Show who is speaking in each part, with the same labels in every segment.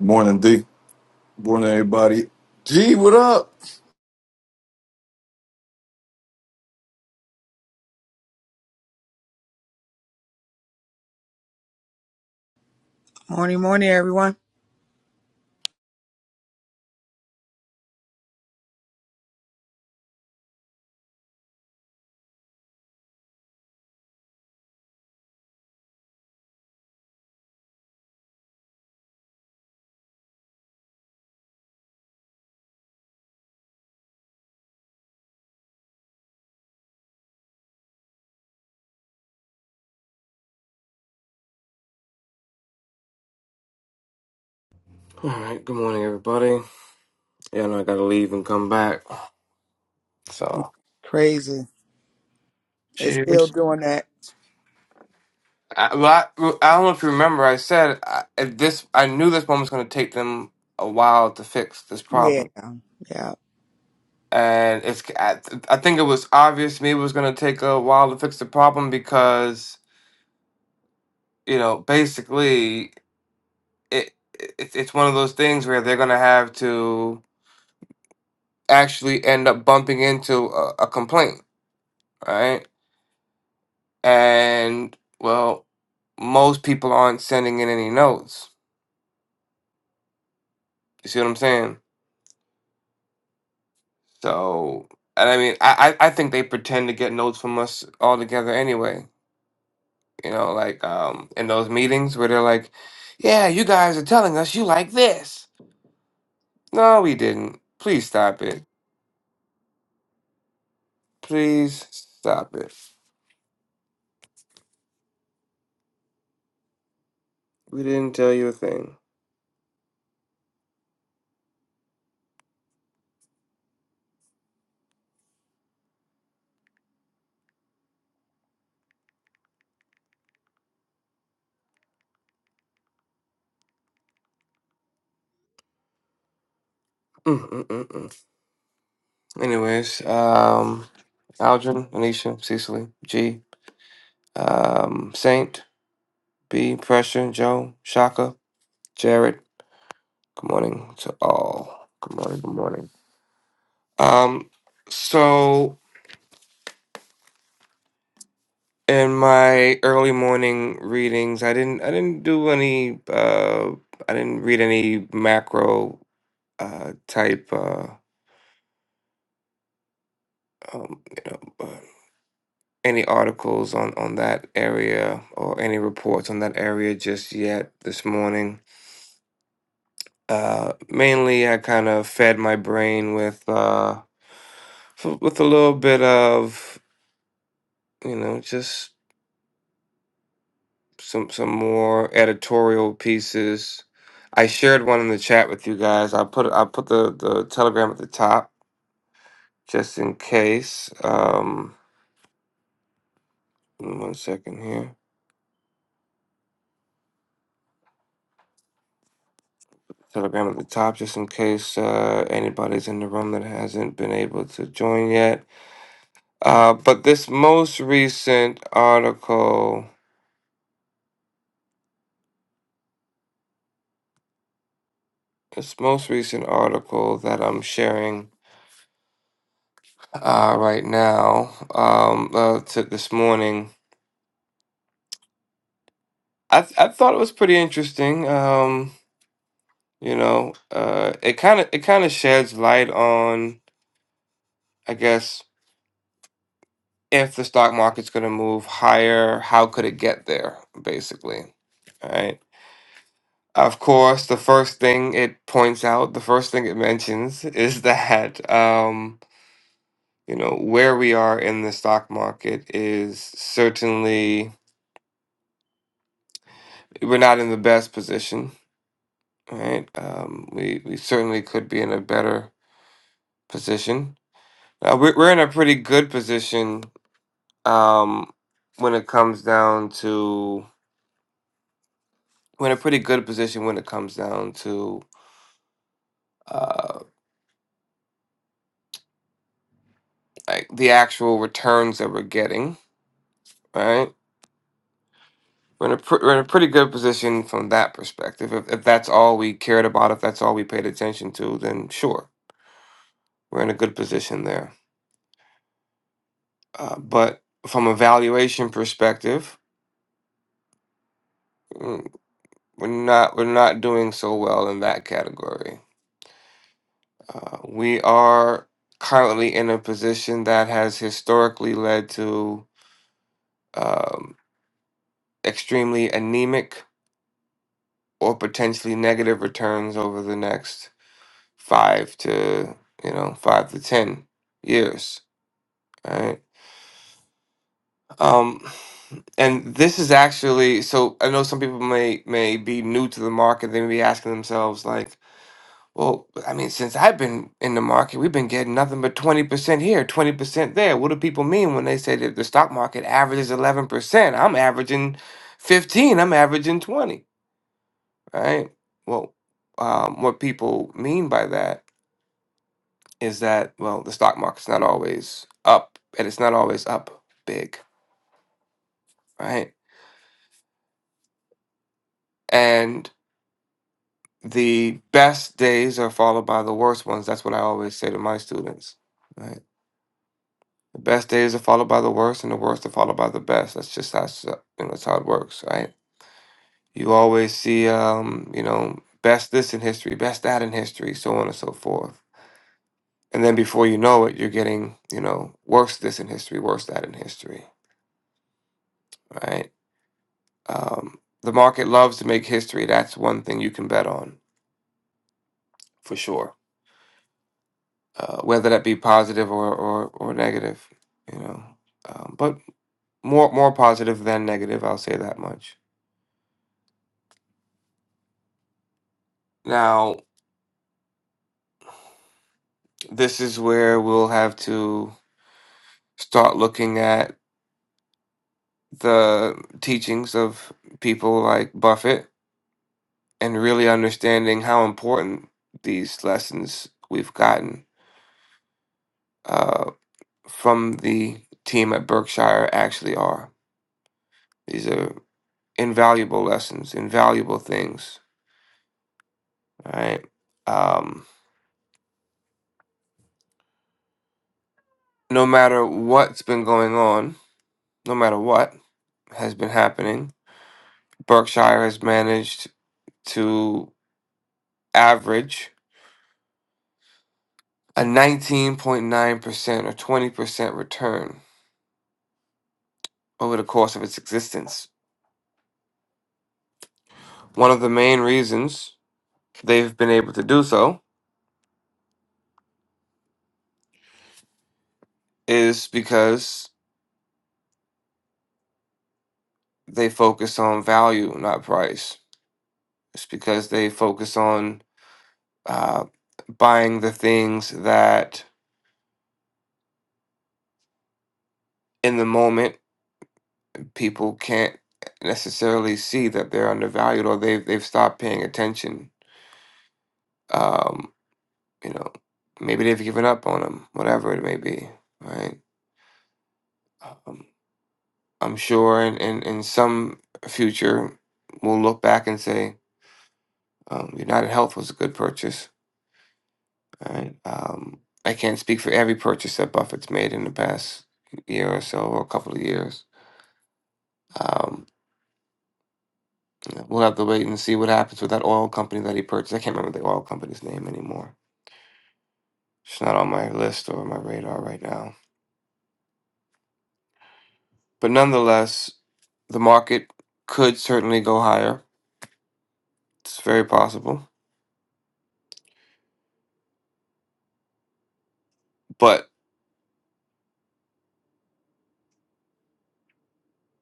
Speaker 1: Morning, D. Morning, everybody. G, what up?
Speaker 2: Morning, morning, everyone.
Speaker 3: All right. Good morning, everybody. Yeah, I know I gotta leave and come back. So,
Speaker 2: Crazy. It's still
Speaker 3: cheers.
Speaker 2: doing that.
Speaker 3: I, well, I, well, I don't know if you remember. I said I, if this. I knew this one was gonna take them a while to fix this
Speaker 2: Yeah,
Speaker 3: problem,
Speaker 2: yeah.
Speaker 3: and it's. I, I think it was obvious to me it was gonna take a while to fix the problem because you know basically it, it it's one of those things where they're gonna have to actually end up bumping into a, a complaint, right? and well, most people aren't sending in any notes. You see what I'm saying? So, and I mean, I I I think they pretend to get notes from us all together anyway. You know, like um in those meetings where they're like, "Yeah, you guys are telling us you like this." No, we didn't. Please stop it. Please stop it. We didn't tell you a thing. Mm, mm, mm, mm. Anyways, um, Aldrin, Anisha, Cecily, G, um, Saint. B, Pressure, Joe, Shaka, Jared. Good morning to all. Good morning, good morning. Um, so in my early morning readings, I didn't I didn't do any uh I didn't read any macro uh type uh um you know uh, any articles on on that area or any reports on that area just yet this morning. Uh mainly I kind of fed my brain with uh f- with a little bit of you know just some some more editorial pieces. I shared one in the chat with you guys. I put I put the the telegram at the top just in case. Um, one second here. Telegram at the top just in case uh, anybody's in the room that hasn't been able to join yet. Uh, but this most recent article, this most recent article that I'm sharing uh, right now um, uh, to this morning. I th- I thought it was pretty interesting. Um, you know, uh, it kind of it kind of sheds light on, I guess, if the stock market's going to move higher, how could it get there, basically. All right. Of course, the first thing it points out, the first thing it mentions is that um, you know where we are in the stock market is certainly we're not in the best position right? Um, we we certainly could be in a better position. Uh, we're we're in a pretty good position um, when it comes down to we're in a pretty good position when it comes down to uh, like the actual returns that we're getting, right? We're in a pr- we're in a pretty good position from that perspective. If if that's all we cared about, if that's all we paid attention to, then sure, we're in a good position there. Uh, but from a valuation perspective. mm, We're not we're not doing so well in that category. Uh, we are currently in a position that has historically led to um, extremely anemic or potentially negative returns over the next five to you know five to ten years. Right. Um, and this is actually so. I know some people may may be new to the market. They may be asking themselves like Well, I mean, since I've been in the market, we've been getting nothing but 20% here, 20% there. What do people mean when they say that the stock market averages 11%? I'm averaging 15, I'm averaging 20, right? Well, um, what people mean by that is that, well, the stock market's not always up and it's not always up big, right? And the best days are followed by the worst ones. That's what I always say to my students, right? The best days are followed by the worst, and the worst are followed by the best. That's just how s- you know that's how it works, right? You always see, um, you know, best this in history, best that in history, so on and so forth. And then before you know it, you're getting, you know, worse this in history, worse that in history, right? Um, the market loves to make history. That's one thing you can bet on for sure, uh, whether that be positive or or, or negative, you know. Um, but more more positive than negative, I'll say that much. Now, This is where we'll have to start looking at the teachings of people like Buffett and really understanding how important these lessons we've gotten uh, from the team at Berkshire actually are. These are invaluable lessons, invaluable things, right? Um, no matter what's been going on, no matter what has been happening, Berkshire has managed to average a 19.9% or 20% return over the course of its existence. One of the main reasons they've been able to do so is because they focus on value, not price. It's because they focus on uh, buying the things that in the moment people can't necessarily see that they're undervalued or they've, they've stopped paying attention. Um, you know, maybe they've given up on them, whatever it may be, right? Um, I'm sure in, in, in some future, we'll look back and say, um, United Health was a good purchase. All right. Um, I can't speak for every purchase that Buffett's made in the past year or so, or a couple of years. Um, we'll have to wait and see what happens with that oil company that he purchased. I can't remember the oil company's name anymore. It's not on my list or my radar right now. But nonetheless, the market could certainly go higher. It's very possible. But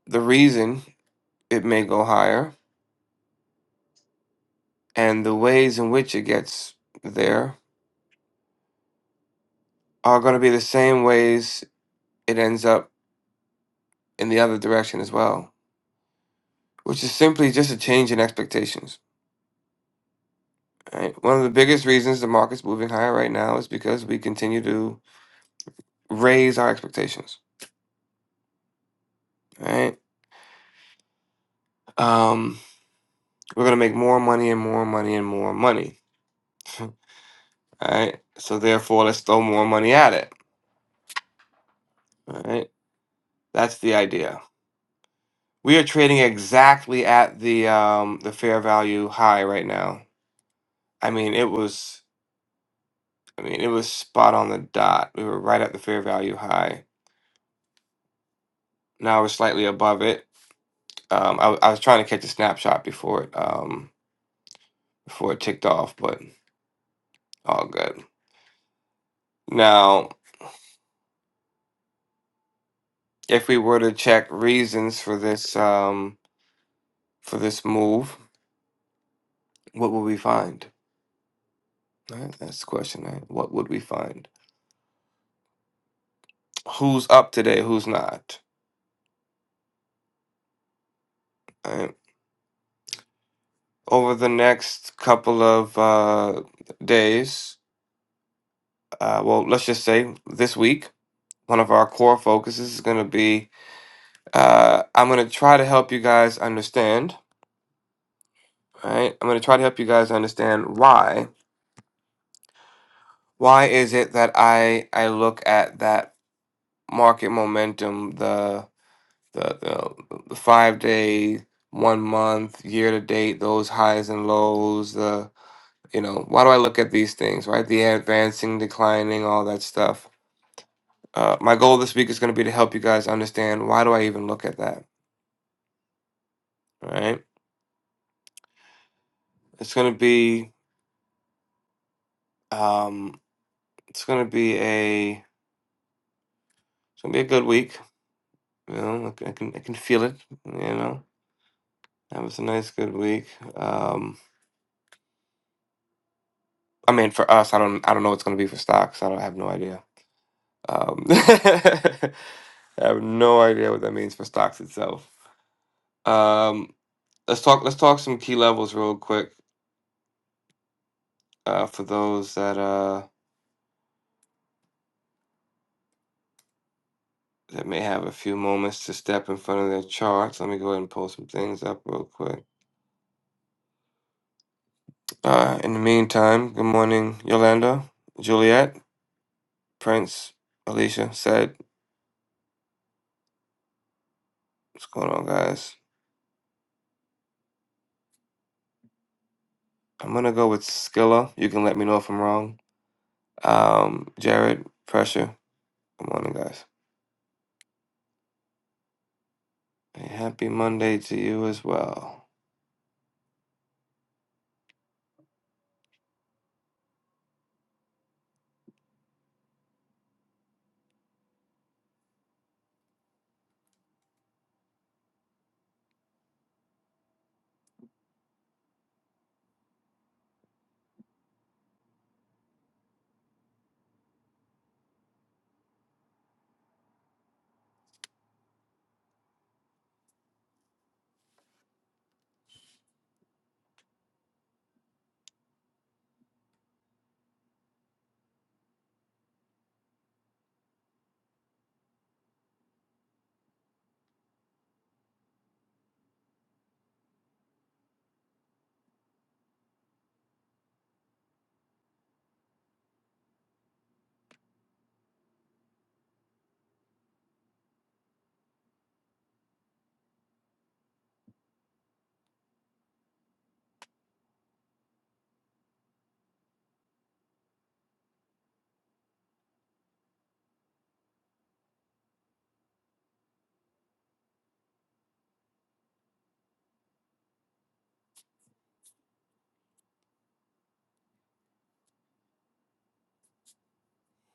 Speaker 3: the reason it may go higher and the ways in which it gets there are going to be the same ways it ends up in the other direction as well, which is simply just a change in expectations. Right? One of the biggest reasons the market's moving higher right now is because we continue to raise our expectations. Right? Um, we're going to make more money and more money and more money. Right? So therefore, let's throw more money at it. Right? That's the idea. We are trading exactly at the um, the fair value high right now I mean, it was. I mean, it was spot on the dot. We were right at the fair value high. Now we're slightly above it. Um, I, w- I was trying to catch a snapshot before it um, before it ticked off, but all good. Now, if we were to check reasons for this um, for this move, what would we find? Right? That's the question. Right? What would we find? Who's up today? Who's not? Right? Over the next couple of uh, days, uh, well, let's just say this week. One of our core focuses is going to be uh, I'm going to try to help you guys understand, right? I'm going to try to help you guys understand why. Why is it that I I look at that market momentum, the the the, the five day, one month, year to date, those highs and lows, the you know, why do I look at these things, right? The advancing, declining, all that stuff. Uh, my goal this week is going to be to help you guys understand why do I even look at that, right? It's going to be Um, it's gonna be a it's gonna be a good week. You know, I can I can I can feel it. You know, that was a nice good week. Um, I mean, for us, I don't I don't know what's gonna be for stocks. I don't I have no idea. Um, I have no idea what that means for stocks itself. Um, let's talk let's talk some key levels real quick. Uh, for those that uh that may have a few moments to step in front of their charts, let me go ahead and pull some things up real quick. Uh, in the meantime, good morning, Yolanda, Juliet, Prince, Alicia said, What's going on, guys? I'm going to go with Skilla. You can let me know if I'm wrong. Um, Jared, Pressure. Good morning, guys. A happy Monday to you as well.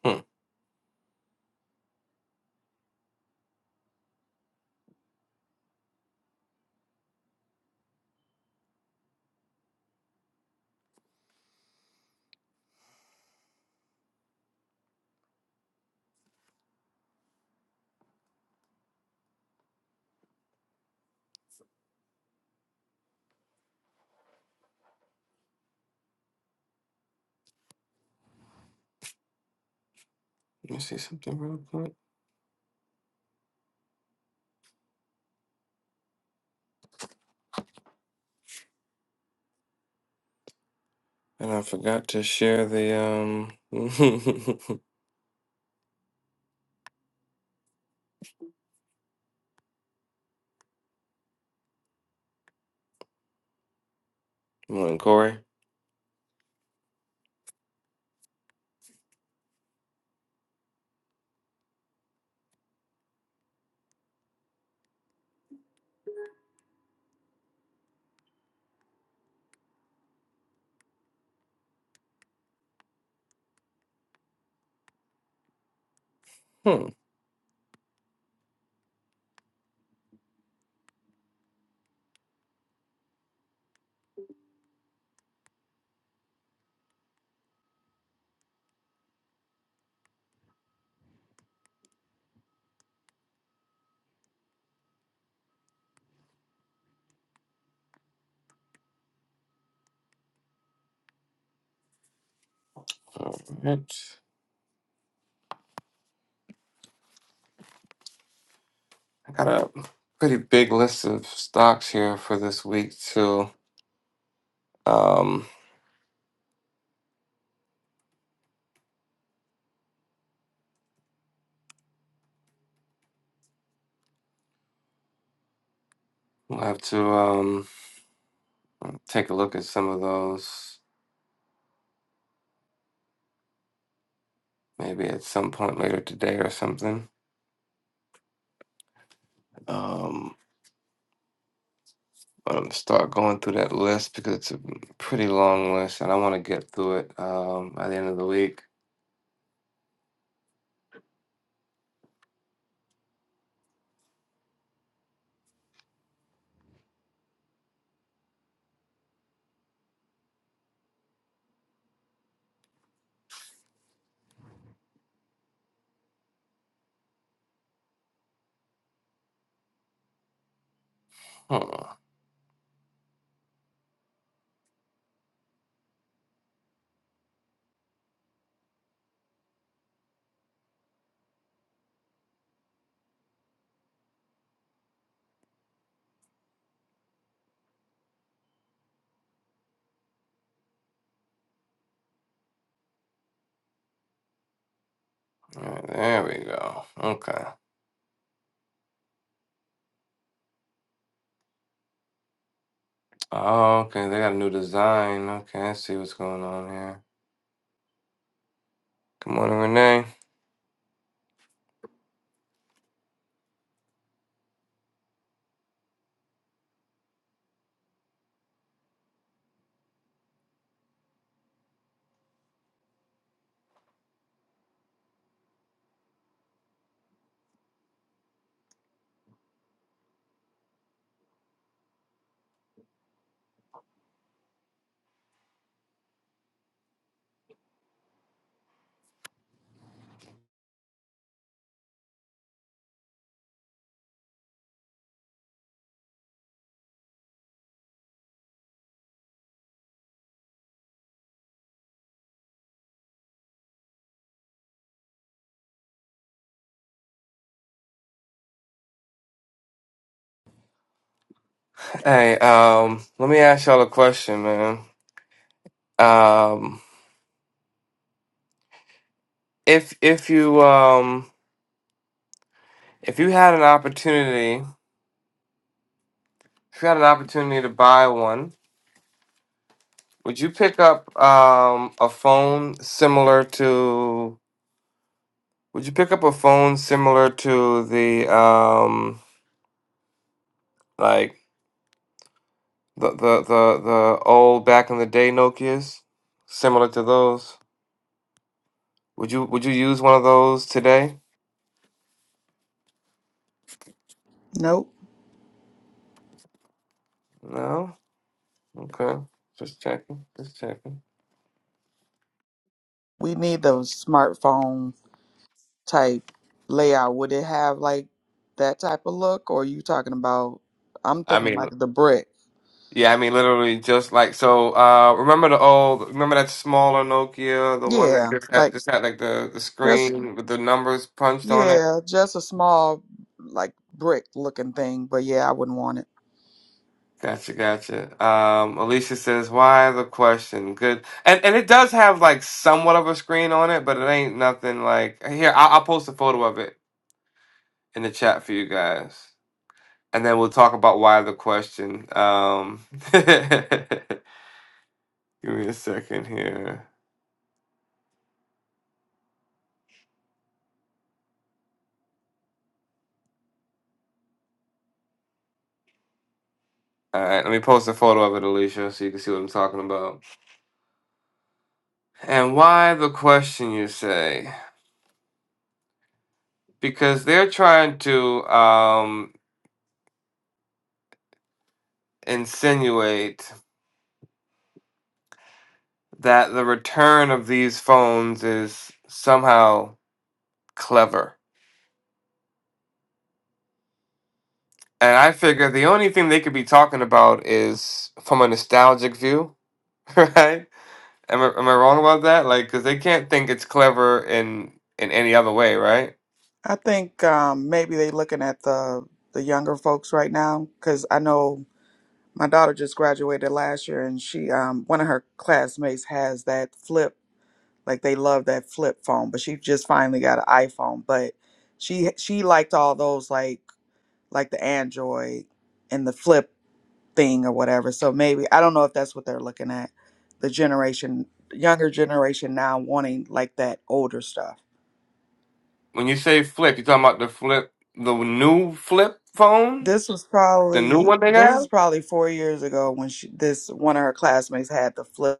Speaker 3: Hmm. Let me see something real quick. And I forgot to share the. um. good morning, Corey. Hmm. All right. I got a pretty big list of stocks here for this week, too. Um, We'll have to um, take a look at some of those maybe at some point later today or something. Um, I'm gonna start going through that list because it's a pretty long list and I want to get through it um, by the end of the week. Hmm. All right, there we go. Okay. Oh, okay. They got a new design. Okay, I see what's going on here. Good morning, Renee. Hey, um, let me ask y'all a question, man. Um, if if you um if you had an opportunity If you had an opportunity to buy one, would you pick up um, a phone similar to? Would you pick up a phone similar to the um, like the the the the old back in the day Nokia's, similar to those? Would you Would you use one of those today?
Speaker 2: Nope.
Speaker 3: No. Okay. Just checking. Just checking.
Speaker 2: We need the smartphone type layout. Would it have like that type of look, or you talking about? I'm
Speaker 3: I
Speaker 2: thinking
Speaker 3: mean.
Speaker 2: like the brick.
Speaker 3: Yeah, I mean literally just like so. Uh, remember the old, remember that smaller Nokia, the one that
Speaker 2: Yeah,
Speaker 3: just had
Speaker 2: like
Speaker 3: just had like the the
Speaker 2: just
Speaker 3: screen with the numbers punched on it.
Speaker 2: yeah, just a small like brick looking thing. But yeah, I wouldn't want it.
Speaker 3: Gotcha, gotcha. Um, Alicia says, "Why the question?" Good, and and it does have like somewhat of a screen on it, but it ain't nothing like here. I'll, I'll post a photo of it in the chat for you guys, and then we'll talk about why the question. Um, give me a second here. All right, let me post a photo of it, Alicia, so you can see what I'm talking about. And why the question, you say? Because they're trying to um, insinuate that the return of these phones is somehow clever. And I figure the only thing they could be talking about is from a nostalgic view, right? Am I, am I wrong about that? Like, because they can't think it's clever in in any other way, right?
Speaker 2: I think um, maybe they looking at the the younger folks right now because I know my daughter just graduated last year and she um one of her classmates has that flip like they love that flip phone but she just finally got an iphone but she she liked all those like like the android and the flip thing or whatever so maybe i don't know if that's what they're looking at the generation younger generation now wanting like that older stuff
Speaker 3: When you say flip, you're talking about the flip, the new flip phone,
Speaker 2: this was
Speaker 3: the new
Speaker 2: probably
Speaker 3: one they
Speaker 2: this
Speaker 3: got.
Speaker 2: was probably four years ago when she, this one of her classmates had the flip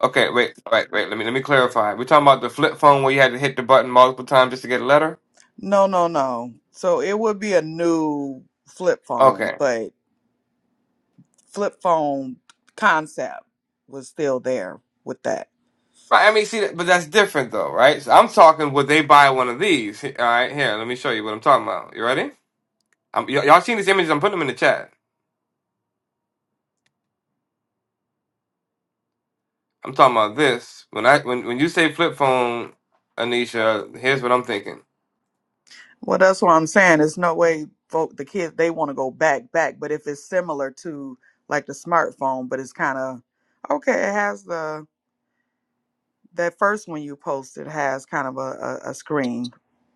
Speaker 3: Okay, wait, wait, wait. Let me let me clarify. We're talking about the flip phone where you had to hit the button multiple times just to get a letter.
Speaker 2: No, no, no. So it would be a new flip phone,
Speaker 3: Okay,
Speaker 2: but flip phone concept was still there with that.
Speaker 3: right. I mean, see, but that's different though, right? So I'm talking. Would they buy one of these? All right, here. Let me show you what I'm talking about. You ready? I'm, y- y'all seen these images? I'm putting them in the chat. I'm talking about this. When I when when you say flip phone, Anisha, here's what I'm thinking.
Speaker 2: Well, that's what I'm saying. There's no way folk, the kids they want to go back back, but if it's similar to like the smartphone, but it's kind of okay. It has the that first one you posted has kind of a, a, a screen.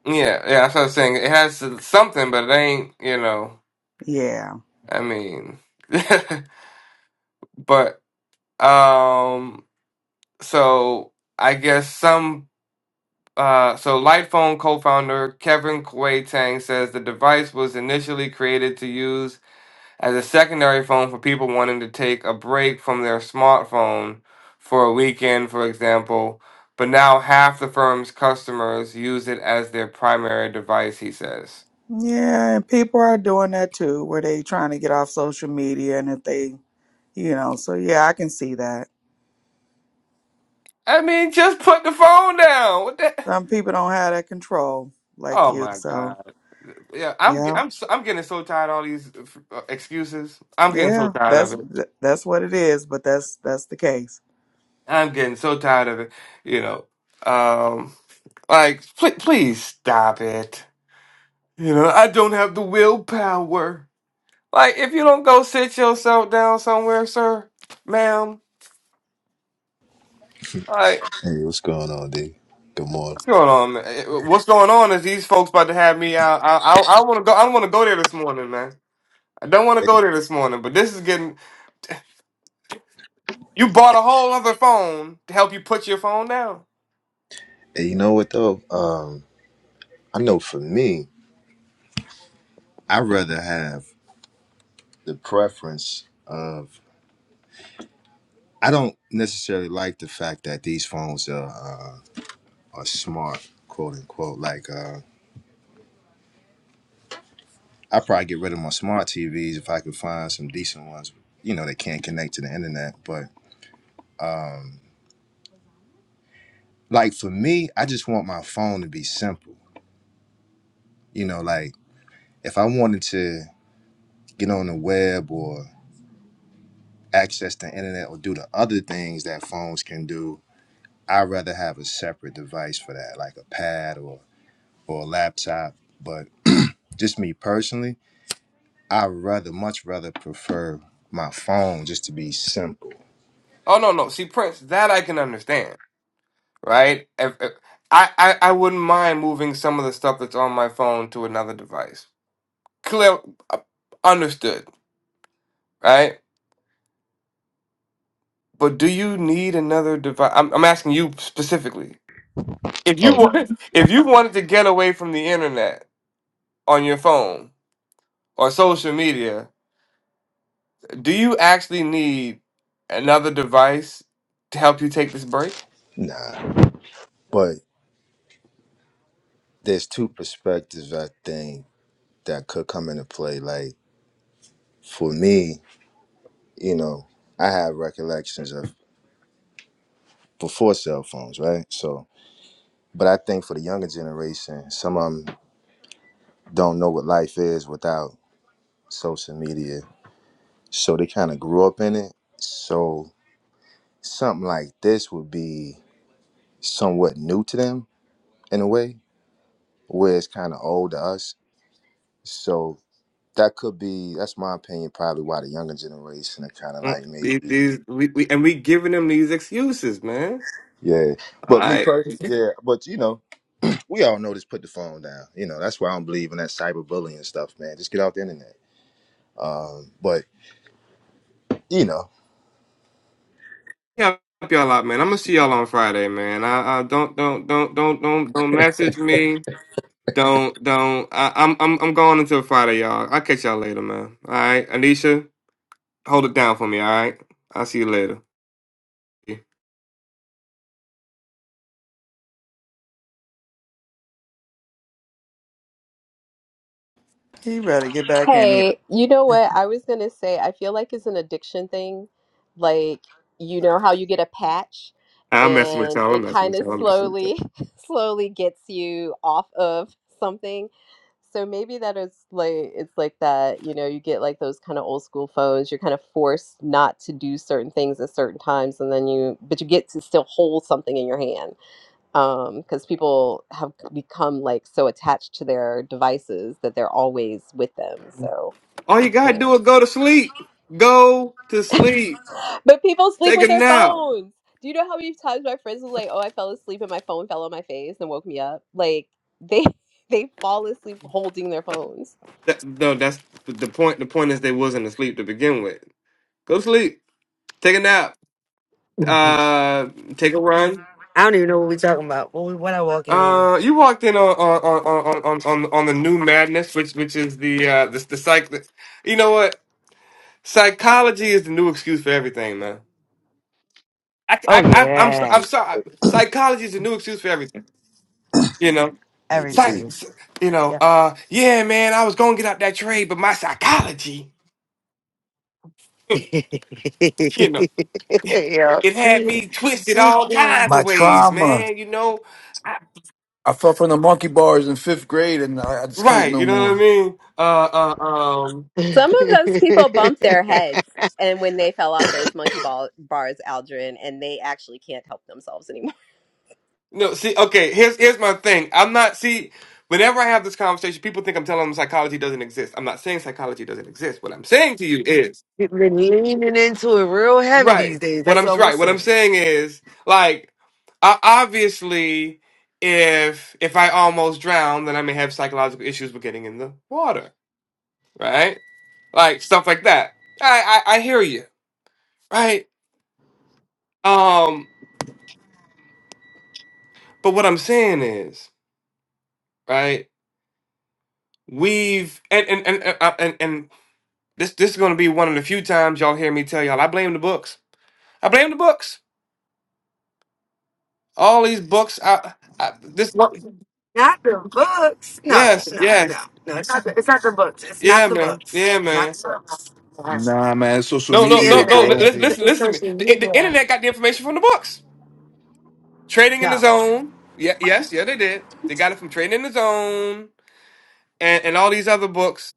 Speaker 3: Yeah, yeah. That's what i was saying. It has something, but it ain't. You know.
Speaker 2: Yeah.
Speaker 3: I mean, but um. So I guess some. Uh, so Lightphone co-founder Kevin Kuei Tang says the device was initially created to use as a secondary phone for people wanting to take a break from their smartphone for a weekend, for example. But now half the firm's customers use it as their primary device. He says.
Speaker 2: Yeah, and people are doing that too, where they trying to get off social media and if they, you know, so yeah, I can see that.
Speaker 3: I mean, just put the phone down. What the?
Speaker 2: Some people don't have that control like
Speaker 3: Oh
Speaker 2: you.
Speaker 3: my
Speaker 2: So
Speaker 3: god. Yeah, I'm
Speaker 2: yeah,
Speaker 3: I'm so, I'm getting so tired of all these uh, excuses. I'm getting so
Speaker 2: yeah,
Speaker 3: tired of
Speaker 2: that's
Speaker 3: it.
Speaker 2: that's what it is. But that's that's the case.
Speaker 3: I'm getting so tired of it. You know, um, like pl- please stop it. You know, I don't have the willpower. Like, if you don't go sit yourself down somewhere, sir, ma'am. Like,
Speaker 4: Hey, what's going on, D? Good morning.
Speaker 3: what's going on? Man? Eh, What's going on is these folks about to have me out. I I, I want to go. I don't want to go there this morning, man. I don't want to go there this morning. But this is getting. You bought a whole other phone to help you put your phone down.
Speaker 4: Hey, you know what though? Um, I know for me, I'd rather have the preference of. I don't necessarily like the fact that these phones are uh, are smart, quote unquote. Like, uh, I probably get rid of my smart TVs if I could find some decent ones. You know, they can't connect to the internet. But like for me, I just want my phone to be simple. You know, like if I wanted to get on the web or access the internet or do the other things that phones can do, I'd rather have a separate device for that, like a pad or or a laptop. But just me personally, I rather much rather prefer my phone just to be simple.
Speaker 3: Oh no, no. See, Prince, that I can understand. right? If, if- I, I I wouldn't mind moving some of the stuff that's on my phone to another device. Clear, uh, understood, right? But do you need another device? I'm, I'm asking you specifically. If you
Speaker 4: Oh no.
Speaker 3: wanted, if you wanted to get away from the internet on your phone or social media, do you actually need another device to help you take this break?
Speaker 4: nah. But there's two perspectives I think that could come into play. Like for me, you know, I have recollections of before cell phones, right? So but I think for the younger generation, some of them don't know what life is without social media. So they kind of grew up in it. So something like this would be somewhat new to them in a way, where it's kind of old to us. So that could be, that's my opinion, probably why the younger generation are kind of
Speaker 3: Mm,
Speaker 4: like
Speaker 3: These,
Speaker 4: maybe,
Speaker 3: these we, we, and we giving them these excuses, man.
Speaker 4: yeah.
Speaker 3: All
Speaker 4: But me
Speaker 3: right.
Speaker 4: personally, yeah. But you know, we all know this put the phone down. You know, that's why I don't believe in that cyberbullying stuff, man. Just get off the internet. Um, but you know,
Speaker 3: help y'all out, man. I'm gonna see y'all on Friday, man. I, I don't don't don't don't don't don't message me. Don't don't. I, I'm I'm I'm going until Friday, y'all. I'll catch y'all later, man. All right, Anisha, hold it down for me. All right, I'll see you later.
Speaker 2: You better get back in here.
Speaker 5: Hey, you know what? I was gonna say, I feel like it's an addiction thing. Like, you know how you get a patch
Speaker 3: I'm messing with
Speaker 5: and
Speaker 3: y'all. I'm
Speaker 5: it
Speaker 3: messing
Speaker 5: kind
Speaker 3: with
Speaker 5: of
Speaker 3: y'all. I'm messing with y'all.
Speaker 5: slowly, slowly gets you off of something. So maybe that is like, it's like that, you know, you get like those kind of old school phones, you're kind of forced not to do certain things at certain times, and then you, but you get to still hold something in your hand um because people have become like so attached to their devices that they're always with them so
Speaker 3: All you gotta
Speaker 5: Yeah.
Speaker 3: do is go to sleep. Go to sleep.
Speaker 5: but people sleep
Speaker 3: Take
Speaker 5: with
Speaker 3: a
Speaker 5: their
Speaker 3: nap.
Speaker 5: phones do you know how many times my friends was like oh i fell asleep and my phone fell on my face and woke me up like they they fall asleep holding their phones
Speaker 3: That, no, that's the point. The point is they wasn't asleep to begin with. Go to sleep. Take a nap. Uh, take a run.
Speaker 6: I don't even know what we're talking about. What, we- what I walk in on?
Speaker 3: Uh, you walked in on on on on on, on on the new madness, which which is the uh the the psych. You know what? Psychology is the new excuse for everything, man. I
Speaker 6: Oh
Speaker 3: I I- I'm so-
Speaker 6: yeah,
Speaker 3: I'm
Speaker 4: it,
Speaker 3: sorry. Psychology is the new excuse for everything. You know,
Speaker 4: it would
Speaker 3: Psy-
Speaker 4: be.
Speaker 6: everything.
Speaker 3: you know.
Speaker 6: Yeah.
Speaker 3: Uh, yeah, man. I was gonna get out that trade, but my psychology, you know,
Speaker 6: yeah.
Speaker 3: it had me twisted
Speaker 6: I'm
Speaker 3: all
Speaker 6: sorry.
Speaker 3: kinds of
Speaker 1: My
Speaker 3: ways,
Speaker 1: trauma.
Speaker 3: man. You know, I,
Speaker 1: I fell from the monkey bars in fifth grade, and I, I just can't
Speaker 3: right?
Speaker 1: no
Speaker 3: You know what I
Speaker 1: more.
Speaker 3: mean? Uh, uh, um,
Speaker 5: some of those people bumped their heads and when they fell off those monkey ball bars aldrin and they actually can't help themselves anymore
Speaker 3: No, see, okay, here's here's my thing. I'm not see whenever I have this conversation, people think I'm telling them psychology doesn't exist. I'm not saying psychology doesn't exist. What I'm saying to you is
Speaker 6: Been leaning into it real heavy
Speaker 3: right.
Speaker 6: these days.
Speaker 3: What
Speaker 6: That's
Speaker 3: I'm
Speaker 6: all we're
Speaker 3: right, what I'm
Speaker 6: saying.
Speaker 3: saying is like I, obviously if if I almost drown, then I may have psychological issues with getting in the water, right? Like stuff like that. I I, I hear you, right? Um but what I'm saying is, right? We've and and and and, and, and This this is gonna be one of the few times y'all hear me tell y'all I blame the books. I blame the books. All these books. I, I this.
Speaker 6: Not the books. No,
Speaker 3: Yes,
Speaker 6: no, no,
Speaker 3: yes,
Speaker 6: no. It's not. The, it's not the books. It's not
Speaker 3: yeah,
Speaker 6: the
Speaker 3: man,
Speaker 6: books.
Speaker 3: yeah,
Speaker 6: It's not
Speaker 3: man.
Speaker 6: the books.
Speaker 1: Nah, man, it's social
Speaker 3: No,
Speaker 6: It's
Speaker 3: no,
Speaker 6: the
Speaker 1: media,
Speaker 3: no, no.
Speaker 6: internet.
Speaker 3: li-
Speaker 1: bro.
Speaker 4: Hey
Speaker 6: It's,
Speaker 3: li-
Speaker 6: the,
Speaker 4: D.
Speaker 3: Listen,
Speaker 6: it's
Speaker 3: listen to me.
Speaker 6: social
Speaker 3: The, the
Speaker 6: media.
Speaker 3: internet got the information from the books. Trading in
Speaker 6: No.
Speaker 3: the Zone. Yeah, yes, yeah, they did. They got it from Trading in the Zone and and all these other books.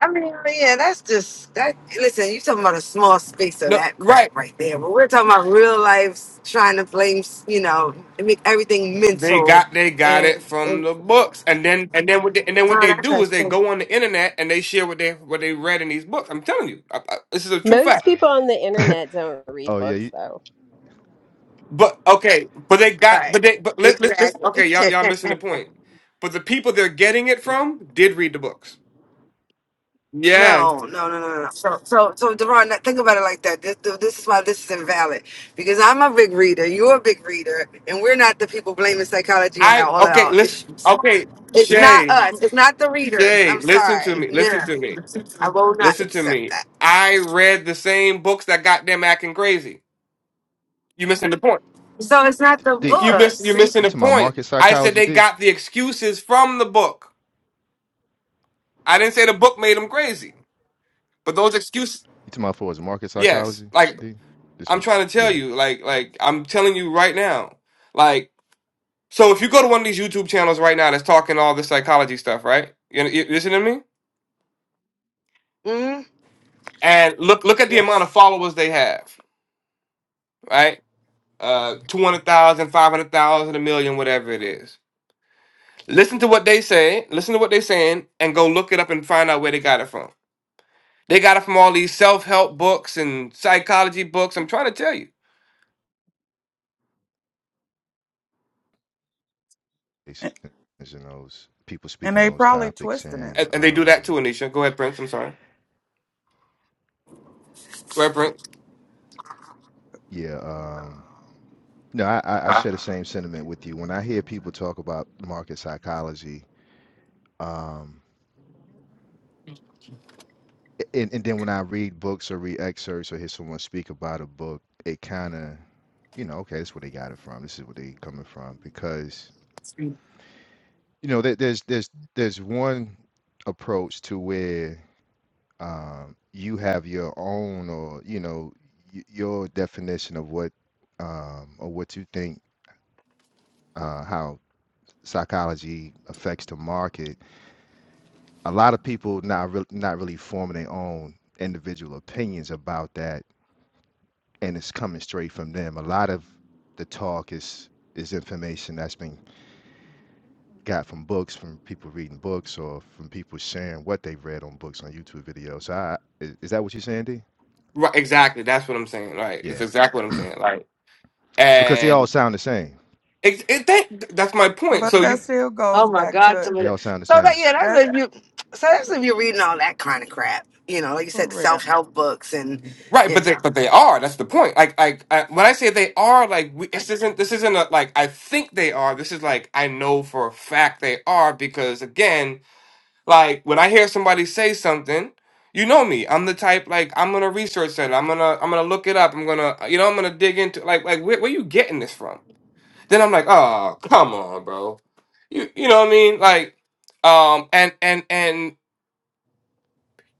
Speaker 6: I mean, yeah, that's just that. Listen, you talking about a small space of
Speaker 3: No,
Speaker 6: that
Speaker 3: right.
Speaker 6: crap right there, but we're talking about real life trying to blame, you know, make everything
Speaker 3: They
Speaker 6: mental,
Speaker 3: got they got
Speaker 6: and,
Speaker 3: it from
Speaker 6: and
Speaker 3: the books, and then and then what they, and then what
Speaker 6: so
Speaker 3: they
Speaker 6: that's
Speaker 3: do is
Speaker 6: just
Speaker 3: they go on the internet and they share what they what they read in these books. I'm telling you, I, I, this is a true
Speaker 5: most
Speaker 3: fact.
Speaker 5: people on the internet don't read
Speaker 4: Oh yeah,
Speaker 5: books
Speaker 4: you,
Speaker 5: though
Speaker 3: But okay, but they got
Speaker 6: right.
Speaker 3: but they but let, let, let,
Speaker 6: Exactly.
Speaker 3: okay y'all y'all missing the point. But the people they're getting it from did read the books. Yes,
Speaker 6: no, no, no, no, no. So, so, so, Deron, think about it like that. This, this is why this is invalid because I'm a big reader, you're a big reader, and we're not the people blaming psychology on our,
Speaker 3: I
Speaker 6: all
Speaker 3: okay.
Speaker 6: our
Speaker 3: Listen,
Speaker 6: issues.
Speaker 3: okay,
Speaker 6: It's not
Speaker 3: Shay,
Speaker 6: us. It's not the readers.
Speaker 3: Shay,
Speaker 6: I'm
Speaker 3: listen to
Speaker 6: sorry.
Speaker 3: me,
Speaker 6: No,
Speaker 3: listen to me,
Speaker 6: I will not
Speaker 3: listen to
Speaker 6: accept
Speaker 3: me.
Speaker 6: that.
Speaker 3: I read the same books that got them acting crazy. You missing the point.
Speaker 6: So it's not the
Speaker 4: D.
Speaker 3: You miss
Speaker 6: books.
Speaker 3: you're missing
Speaker 4: You
Speaker 3: the
Speaker 4: talking about
Speaker 3: point.
Speaker 4: market
Speaker 3: I said
Speaker 4: psychology,
Speaker 3: they
Speaker 4: D?
Speaker 3: got the excuses from the book. I didn't say the book made them crazy, but those excuses,
Speaker 4: You talking about for his market
Speaker 3: yes.
Speaker 4: psychology?
Speaker 3: Like
Speaker 4: D this
Speaker 3: I'm
Speaker 4: one,
Speaker 3: trying to tell
Speaker 4: yeah.
Speaker 3: you, like like I'm telling you right now, like so if you go to one of these YouTube channels right now that's talking all this psychology stuff, right? You, you listen to me
Speaker 6: Mm,
Speaker 3: and look look at the amount
Speaker 6: yes.
Speaker 3: of followers they have, right? Uh, 200,000, 500,000, a million, whatever it is. Listen to what they say, listen to what they're saying, and go look it up and find out where they got it from. They got it from all these self help books and psychology books. I'm trying to tell you.
Speaker 4: It's- in those people
Speaker 2: and
Speaker 4: speaking
Speaker 2: they
Speaker 4: on those
Speaker 2: probably
Speaker 4: topics,
Speaker 2: twisting it.
Speaker 4: and
Speaker 3: And, and they do that too,
Speaker 4: um,
Speaker 3: Anisha. Go ahead, Prince. I'm sorry. Go ahead, Prince.
Speaker 4: yeah, um, no, I, I I share the same sentiment with you. When I hear people talk about market psychology, um, and and then when I read books or read excerpts or hear someone speak about a book, it kind of, you know, okay, that's where they got it from. This is where they coming from because you know there, there's there's there's one approach to where um, you have your own or you know y- your definition of what um, or what you think uh, how psychology affects the market. A lot of people not re- not really forming their own individual opinions about that, and it's coming straight from them. A lot of the talk is is information that's been got from books, from people reading books, or from people sharing what they've read on books on YouTube videos. So I, is, is that what you're saying, D?
Speaker 3: Right, exactly. That's what I'm saying. Right. It's
Speaker 4: Yeah,
Speaker 3: exactly what I'm saying. Like,
Speaker 4: because they all
Speaker 3: and
Speaker 4: sound the same
Speaker 3: it, it that, that's my point.
Speaker 2: But
Speaker 3: So
Speaker 2: that
Speaker 3: you
Speaker 2: still
Speaker 6: Oh
Speaker 2: goes
Speaker 6: my
Speaker 2: back
Speaker 6: God!
Speaker 2: to
Speaker 6: Some of
Speaker 4: They
Speaker 6: the,
Speaker 4: all sound the
Speaker 6: so that
Speaker 4: same.
Speaker 6: yeah,
Speaker 2: that
Speaker 6: that's if you. So that's if you're reading all that kind of crap. You know, like you
Speaker 2: for
Speaker 6: said, the self
Speaker 2: real.
Speaker 6: help books and
Speaker 3: right,
Speaker 6: you
Speaker 3: but they
Speaker 6: know.
Speaker 3: but they are. That's the point. Like, like I, when I say they are, like we, this isn't this isn't a, like I think they are. This is like I know for a fact they are because again. Like when I hear somebody say something, you know me. I'm the type like I'm gonna research that. I'm gonna I'm gonna look it up. I'm gonna uh, you know I'm gonna dig into like like where, where you getting this from? Then I'm like, oh come on, bro. You you know what I mean? Like um and and and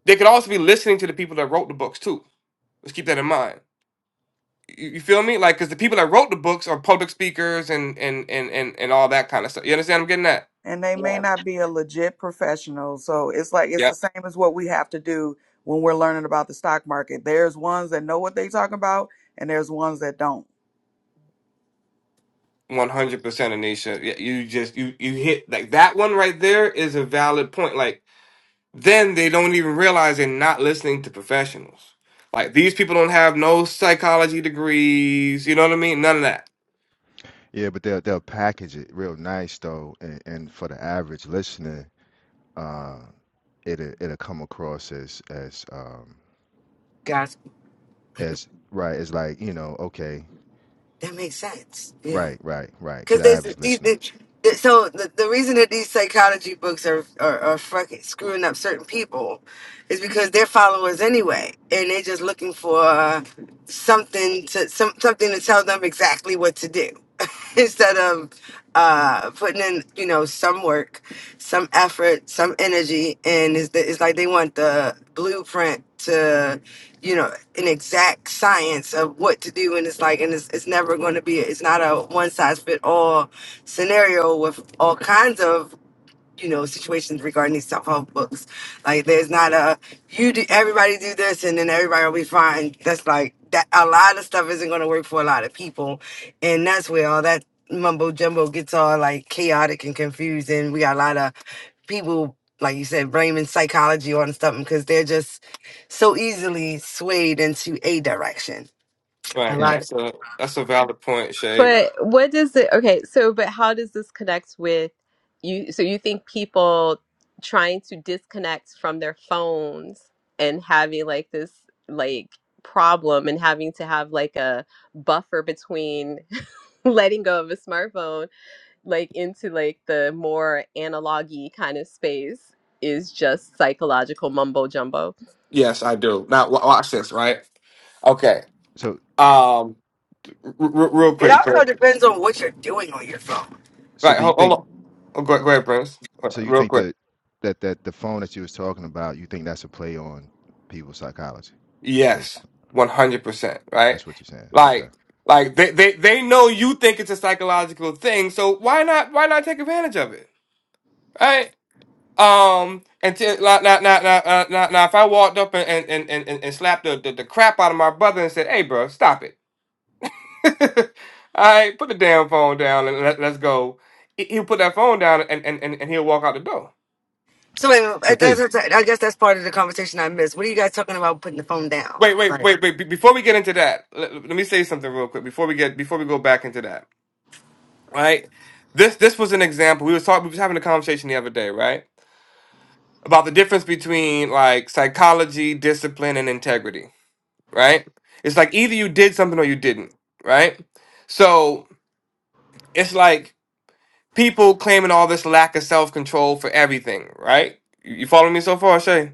Speaker 3: they could also be listening to the people that wrote the books too. Let's keep that in mind. You, you feel me? Like because the people that wrote the books are public speakers and and and and and all that kind of stuff. You understand? I'm getting that.
Speaker 2: And they may
Speaker 6: Yeah.
Speaker 2: not be a legit professional. So it's like it's the same as what we have to do when we're learning about the stock market. There's ones that know what they talking about and there's ones that don't.
Speaker 3: One hundred percent, Anisha. Yeah, you just you you hit like that one right there is a valid point. Like then they don't even realize they're not listening to professionals. Like these people don't have no psychology degrees. You know what I mean? None of that.
Speaker 4: Yeah, but they'll they'll package it real nice though, and, and for the average listener, uh, it'll it'll come across as as um
Speaker 6: Guys,
Speaker 4: as right as like you know okay
Speaker 6: that makes sense. Yeah.
Speaker 4: right right right to
Speaker 6: because
Speaker 4: the
Speaker 6: there's
Speaker 4: average
Speaker 6: these.
Speaker 4: listener.
Speaker 6: the- the- so the, the reason that these psychology books are, are are fucking screwing up certain people is because they're followers anyway, and they're just looking for uh, something to some something to tell them exactly what to do instead of uh, putting in you know some work, some effort, some energy, and it's, the, it's like they want the blueprint to you know an exact science of what to do and it's like and it's, it's never going to be it's not a one size fit all scenario with all kinds of you know situations regarding these self-help books like there's not a you do everybody do this and then everybody will be fine that's like that a lot of stuff isn't going to work for a lot of people and that's where all that mumbo jumbo gets all like chaotic and confusing we got a lot of people like you said blaming psychology on something because they're just so easily swayed into a direction a
Speaker 3: Right.
Speaker 4: And
Speaker 6: lot
Speaker 3: That's a that's a valid point, Shay.
Speaker 5: But what does it, okay, so but how does this connect with you? So you think people trying to disconnect from their phones and having like this like problem and having to have like a buffer between letting go of a smartphone like into like the more analog kind of space is just psychological mumbo jumbo?
Speaker 3: Yes, I do. Now wa watch this. Right. Okay.
Speaker 4: so
Speaker 3: Um. r- r- real
Speaker 6: it
Speaker 3: quick,
Speaker 6: also
Speaker 3: Prince.
Speaker 6: depends on what you're doing on your phone
Speaker 4: so
Speaker 3: Right.
Speaker 4: do you
Speaker 3: Hold, hold
Speaker 4: think
Speaker 3: on. Oh, go, go ahead, Prince. Uh,
Speaker 4: so you
Speaker 3: Real
Speaker 4: think
Speaker 3: quick.
Speaker 4: that that that the phone that you was talking about you think that's a play on people's psychology
Speaker 3: Yes,
Speaker 4: basically?
Speaker 3: one hundred percent. Right?
Speaker 4: That's what you're saying. Okay.
Speaker 3: Like, like they, they they know you think it's a psychological thing, so why not why not take advantage of it? Right? Um, and t- now, now, now, now, uh, now, now, if I walked up and and and and, and and slapped the, the the crap out of my brother and said, "Hey, bro, stop it! All right, put the damn phone down and let, let's go," he- he'll put that phone down and and and and he'll walk out the door.
Speaker 6: So wait, wait,
Speaker 4: So
Speaker 6: wait, that's,
Speaker 4: D.
Speaker 6: that's, I I guess that's part of the conversation I missed. What are you guys talking about putting the phone down?
Speaker 3: Wait, wait,
Speaker 6: Right.
Speaker 3: wait, wait! be- Before we get into that, let, let me say something real quick. Before we get, before we go back into that, right? This this was an example. We was talking. We was having a conversation the other day, right, about the difference between like psychology, discipline, and integrity, right? It's like either you did something or you didn't, right? So it's like people claiming all this lack of self control for everything, right? You, you following me so far, Shay?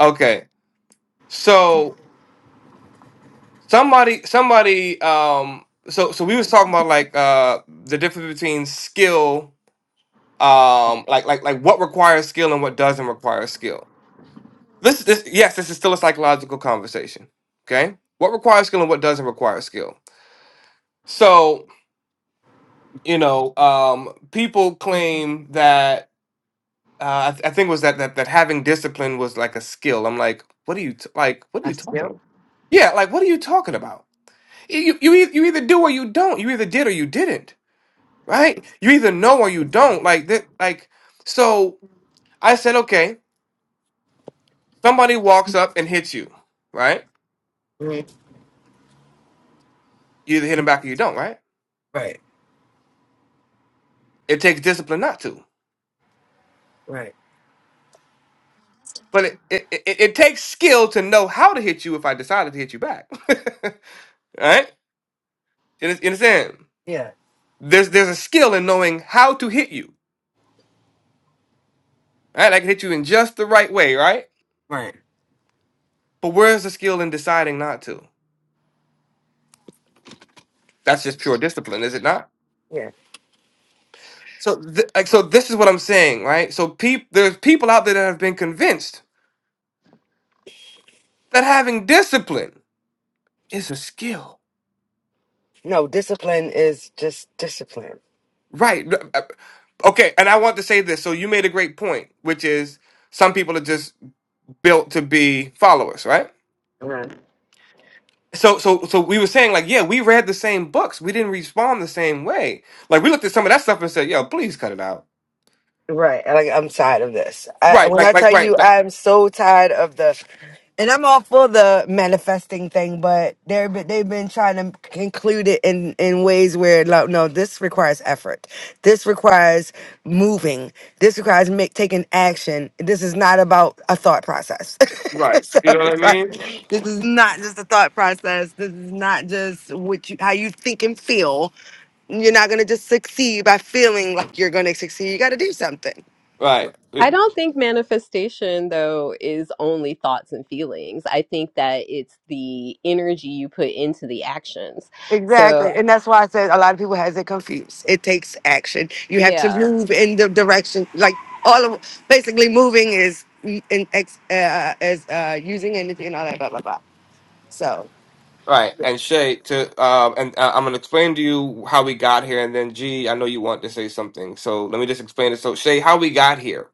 Speaker 3: Okay. So somebody, somebody, um, so so we was talking about like uh the difference between skill um like like like what requires skill and what doesn't require skill this this yes this is still a psychological conversation okay what requires skill and what doesn't require skill so you know um people claim that uh, I, th- I think it was that, that that having discipline was like a skill. I'm like, what are you t- like? What are you
Speaker 6: Us. Yep.
Speaker 3: talking about? Yeah, like what are you talking about? You you eith- you either do or you don't. You either did or you didn't. Right? You either know or you don't. Like that. Like so. I said, okay. Somebody walks up and hits you, right?
Speaker 6: hmm
Speaker 3: You either hit them back or you don't, right?
Speaker 6: Right.
Speaker 3: It takes discipline not to.
Speaker 6: Right.
Speaker 3: But it, it, it, it takes skill to know how to hit you if I decided to hit you back. right? You under- you understand?
Speaker 6: Yeah.
Speaker 3: There's there's a skill in knowing how to hit you. Right? I can hit you in just the right way, right?
Speaker 6: Right.
Speaker 3: But where's the skill in deciding not to? That's just pure discipline, is it not?
Speaker 6: Yeah.
Speaker 3: So th- like so this is what I'm saying, right? So peop- there's people out there that have been convinced that having discipline is a skill.
Speaker 6: No, discipline is just discipline.
Speaker 3: Right. No, uh, Okay, and I want to say this. So you made a great point, which is some people are just built to be followers, right? So so so we were saying like, yeah, we read the same books. We didn't respond the same way. Like we looked at some of that stuff and said, "Yo, please cut it out."
Speaker 6: Right. Like I'm tired of this. I,
Speaker 3: Right.
Speaker 6: when I
Speaker 3: Like like
Speaker 6: tell
Speaker 3: right.
Speaker 6: you
Speaker 3: Like
Speaker 6: I'm so tired of the and I'm all for the manifesting thing, but they're but they've been trying to include it in in ways where like no, this requires effort. This requires moving. This requires make, taking action. This is not about a thought process.
Speaker 3: right.
Speaker 6: so,
Speaker 3: You know what I mean?
Speaker 6: sorry. this is not just a thought process. This is not just what you how you think and feel. You're not gonna just succeed by feeling like you're gonna succeed. You gotta do something.
Speaker 3: Right.
Speaker 5: I don't think manifestation, though, is only thoughts and feelings. I think that it's the energy you put into the actions. So,
Speaker 6: Exactly. And that's why I said a lot of people has it confused. It takes action. You have to
Speaker 5: yeah.
Speaker 6: move in the direction like all of basically moving is in ex, uh, is uh, using energy and all that blah blah blah. So
Speaker 3: Right. And Shay to um and uh, I'm going to explain to you how we got here and then G, I know you want to say something. So let me just explain it. So Shay, how we got here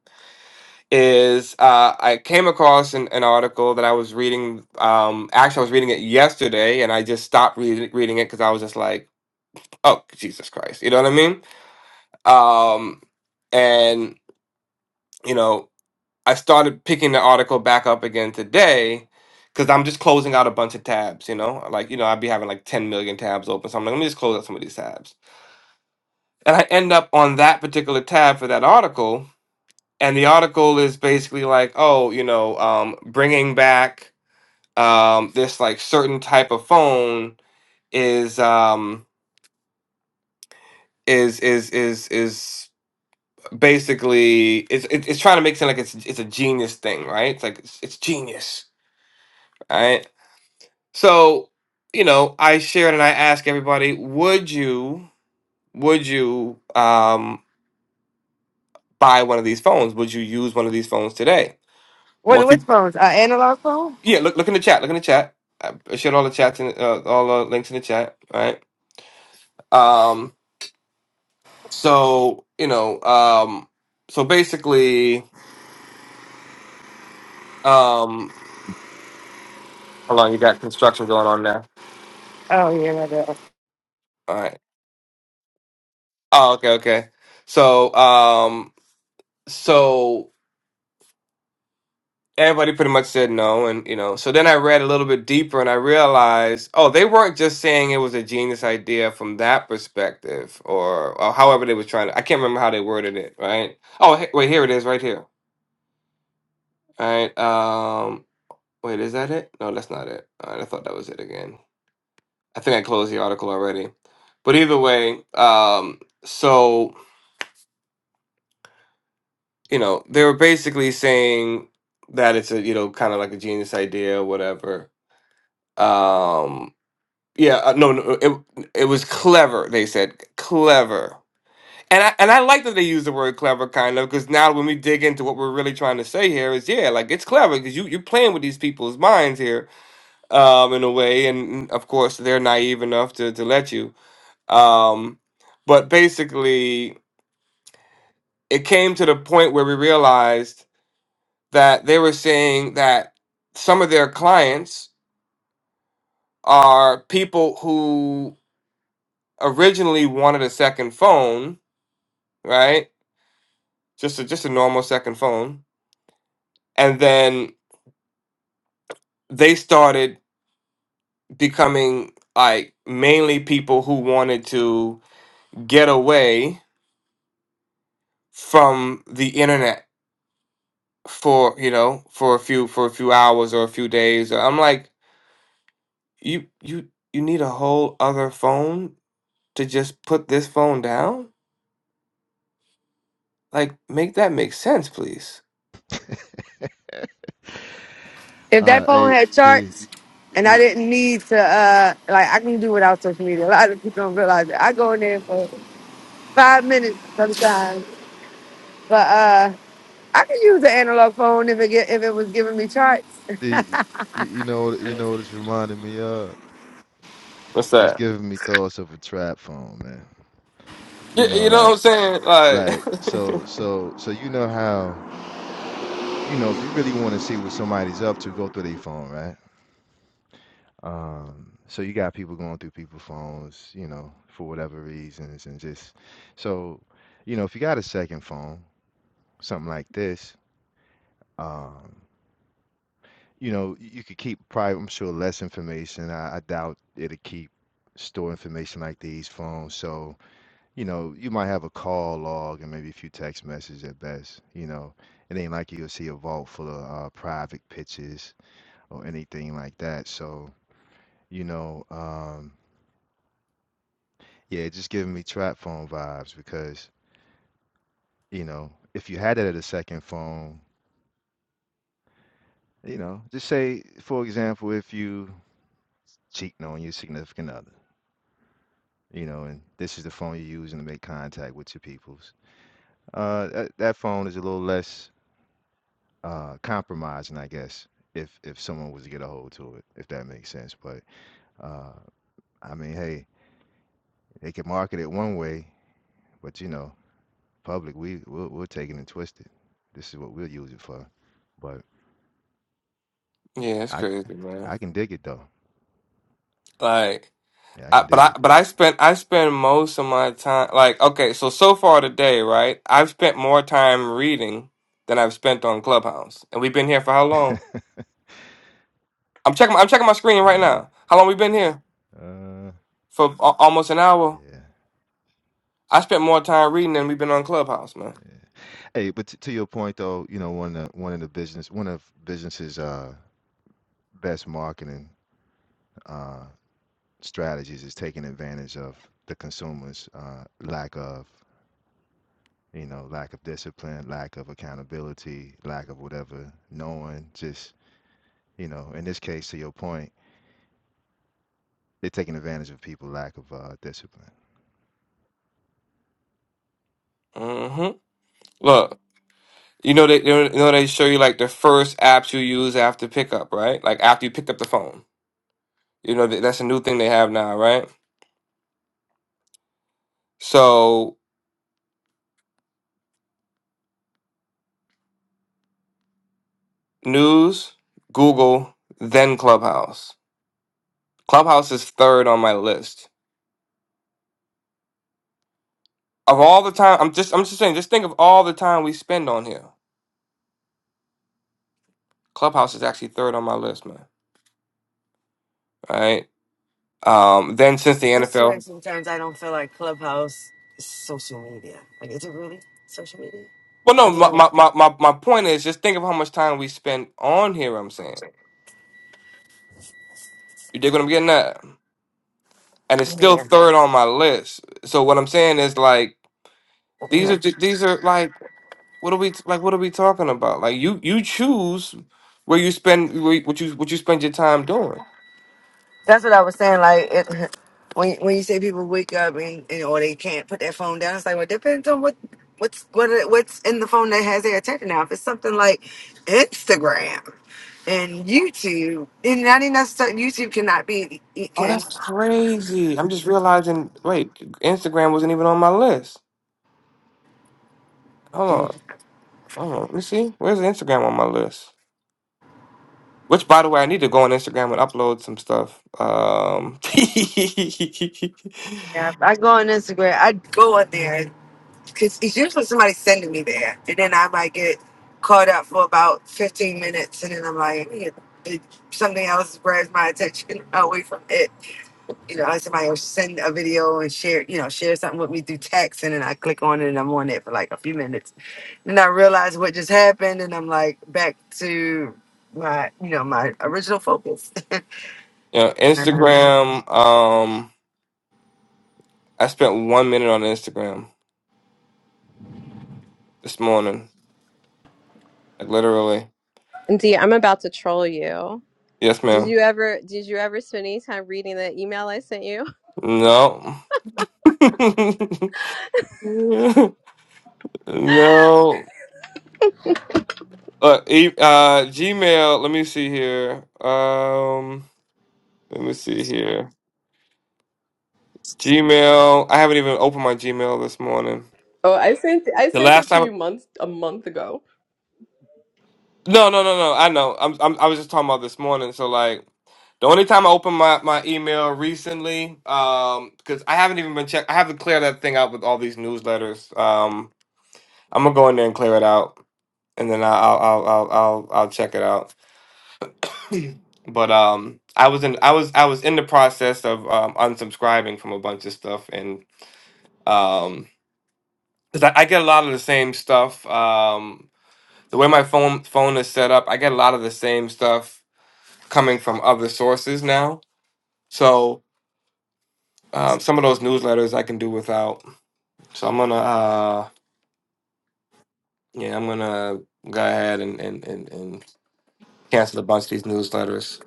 Speaker 3: is uh, I came across an, an article that I was reading. Um, actually, I was reading it yesterday, and I just stopped reading reading it because I was just like, "Oh, Jesus Christ!" You know what I mean? Um, and you know, I started picking the article back up again today because I'm just closing out a bunch of tabs. You know, like you know, I'd be having like 10 million tabs open, so I'm like, let me just close out some of these tabs, and I end up on that particular tab for that article. And the article is basically like, oh, you know, um, bringing back um, this like certain type of phone is um, is is is is basically it's it's it's trying to make it sound like it's it's a genius thing, right? It's like it's, it's genius, right? So you know, I shared and I asked everybody, would you would you um, buy one of these phones? Would you use one of these phones today?
Speaker 6: what
Speaker 3: Most
Speaker 6: which
Speaker 3: peop-
Speaker 6: phones? Uh, analog phone?
Speaker 3: yeah, look look in the chat, look in the chat. I I shared all the chats and uh, all the links in the chat, right? Um, So, you know, um, so basically, um, how long you got construction going on now?
Speaker 6: Oh yeah, no, no.
Speaker 3: All right. Oh, okay, okay. So, um, so everybody pretty much said no, and you know, so then I read a little bit deeper, and I realized, oh, they weren't just saying it was a genius idea from that perspective, or, or however they were trying to. I can't remember how they worded it, right? Oh, he- wait, here it is, right here. All right. Um, wait, is that it? No, that's not it. All right, I thought that was it again. I think I closed the article already. But either way, um, so you know, they were basically saying that it's a you know kind of like a genius idea, whatever. Um, yeah, uh, no, no, it it was clever. They said clever, and I and I like that they use the word clever, kind of, because now when we dig into what we're really trying to say here is yeah, like it's clever because you you're playing with these people's minds here, um, in a way, and of course they're naive enough to to let you. Um, but basically, it came to the point where we realized that they were saying that some of their clients are people who originally wanted a second phone, right? Just a just a normal second phone, and then they started becoming like mainly people who wanted to get away from the internet for you know for a few for a few hours or a few days. I'm like you you you need a whole other phone to just put this phone down? Like, make that make sense, please.
Speaker 6: If that
Speaker 4: Uh,
Speaker 6: phone
Speaker 4: hey,
Speaker 6: had
Speaker 4: the,
Speaker 6: charts and I
Speaker 4: y-
Speaker 6: didn't need to uh like I can do without social media. A lot of people don't realize that. I go in there for five minutes sometimes But uh, I could use an analog phone if it get, if it was giving me charts.
Speaker 4: the, you know, you know what it's reminding me of?
Speaker 3: What's
Speaker 4: It's
Speaker 3: that?
Speaker 4: giving me thoughts of a trap phone, man. You
Speaker 3: You,
Speaker 4: know,
Speaker 3: you know what I'm
Speaker 4: like,
Speaker 3: saying? Like,
Speaker 4: like, so, so, so, you know how, you know, if you really want to see what somebody's up to, go through their phone, right? Um, so you got people going through people's phones, you know, for whatever reasons, and just, so, you know, if you got a second phone, something like this. um. you know, you could keep probably, I'm sure, less information. I, I doubt it'll keep store information like these phones. So, you know, you might have a call log and maybe a few text messages at best. You know, it ain't like you'll see a vault full of uh, private pictures or anything like that. So, you know, um, yeah, it's just giving me trap phone vibes because, you know, if you had it at a second phone, you know, just say, for example, if you cheating on your significant other you know, and this is the phone you're using to make contact with your peoples. Uh, that, that phone is a little less uh, compromising, I guess, if if someone was to get a hold to it, if that makes sense. But uh, I mean, hey, they can market it one way, but you know, public, we we'll, we'll take it and twist it. This is what we'll use it for. But
Speaker 3: yeah, it's
Speaker 4: I
Speaker 3: crazy, man.
Speaker 4: I can dig it though.
Speaker 3: Like,
Speaker 4: Yeah, I
Speaker 3: I,
Speaker 4: can
Speaker 3: but
Speaker 4: dig
Speaker 3: I
Speaker 4: it.
Speaker 3: but I spent I spend most of my time like okay, so so far today, right? I've spent more time reading than I've spent on Clubhouse, and we've been here for how long? I'm checking I'm checking my screen right
Speaker 4: yeah.
Speaker 3: now. How long we been here?
Speaker 4: Uh,
Speaker 3: For a- almost an hour.
Speaker 4: yeah.
Speaker 3: I spent more time reading than we've been on Clubhouse, man.
Speaker 4: Hey, but t- to your point though, you know, one of the, one of the business, one of businesses' uh, best marketing uh, strategies is taking advantage of the consumers' uh, lack of, you know, lack of discipline, lack of accountability, lack of whatever, knowing just, you know, in this case, to your point, they're taking advantage of people lack of uh, discipline.
Speaker 3: hmm Look, you know they you know they show you like the first apps you use after pickup, right? Like after you pick up the phone. You know that- that's a new thing they have now, right? So news, Google, then Clubhouse. Clubhouse is third on my list of all the time. I'm just I'm just saying, just think of all the time we spend on here. Clubhouse is actually third on my list, man. Right? Um, then since the
Speaker 6: I swear
Speaker 3: NFL.
Speaker 6: sometimes I don't feel like Clubhouse is social media. Like, is it really social media?
Speaker 3: Well,
Speaker 6: I
Speaker 3: no, my,
Speaker 6: mean, yeah.
Speaker 3: my, my, my my point is just think of how much time we spend on here. I'm saying you dig what I'm getting at. and it's
Speaker 6: yeah,
Speaker 3: still third on my list. So what I'm saying is like
Speaker 6: yeah.
Speaker 3: these
Speaker 6: yeah.
Speaker 3: are ju- these are like what are we t- like what are we talking about? Like you you choose where you spend where you- what you what you spend your time doing.
Speaker 6: That's what I was saying. Like, it, when when you say people wake up and, and or they can't put their phone down, it's like, well, it depends on what what's what it- what's in the phone that has their attention now. If it's something like Instagram and YouTube, and not even necessarily YouTube cannot be it
Speaker 3: Oh, that's
Speaker 6: can.
Speaker 3: crazy! I'm just realizing. Wait, Instagram wasn't even on my list. Hold on, hold on. Let me see. Where's Instagram on my list? Which, by the way, I need to go on Instagram and upload some stuff. Um,
Speaker 6: Yeah, I go on Instagram. I go on there because it's usually somebody sending me there, and then I might get caught up for about fifteen minutes, and then I'm like, "Man, it- something else grabs my attention away from it. You know, like somebody will send a video and share, you know, share something with me through text, and then I click on it and I'm on it for like a few minutes, then I realize what just happened, and I'm like back to my, you know, my original focus.
Speaker 3: yeah,
Speaker 6: my
Speaker 3: Instagram. Um, I spent one minute on Instagram. this morning. Like literally.
Speaker 5: and Dee, I'm about to troll you.
Speaker 3: Yes,
Speaker 5: Did
Speaker 3: ma'am.
Speaker 5: you ever did you ever spend any time reading the email I sent you?
Speaker 3: No. no. Uh, e- uh, Gmail. Let me see here. Um, let me see here. Gmail. I haven't even opened my Gmail this morning.
Speaker 5: Oh, I sent I
Speaker 3: The
Speaker 5: sent it
Speaker 3: last
Speaker 5: to
Speaker 3: time.
Speaker 5: you months a month ago.
Speaker 3: No, no, no, no. I know. I'm. I'm I was just talking about this morning. So like, the only time I opened my, my email recently, um, because I haven't even been checked. I have to clear that thing out with all these newsletters. Um, I'm gonna go in there and clear it out. and then I'll I'll I'll I'll, I'll check it out. but um, I was in I was I was in the process of um, unsubscribing from a bunch of stuff, and um, because I, I get a lot of the same stuff. Um, the way my phone phone is set up, I get a lot of the same stuff coming from other sources now. So um, some of those newsletters I can do without. So I'm gonna uh, yeah, I'm gonna go ahead and and and, and cancel a bunch of these newsletters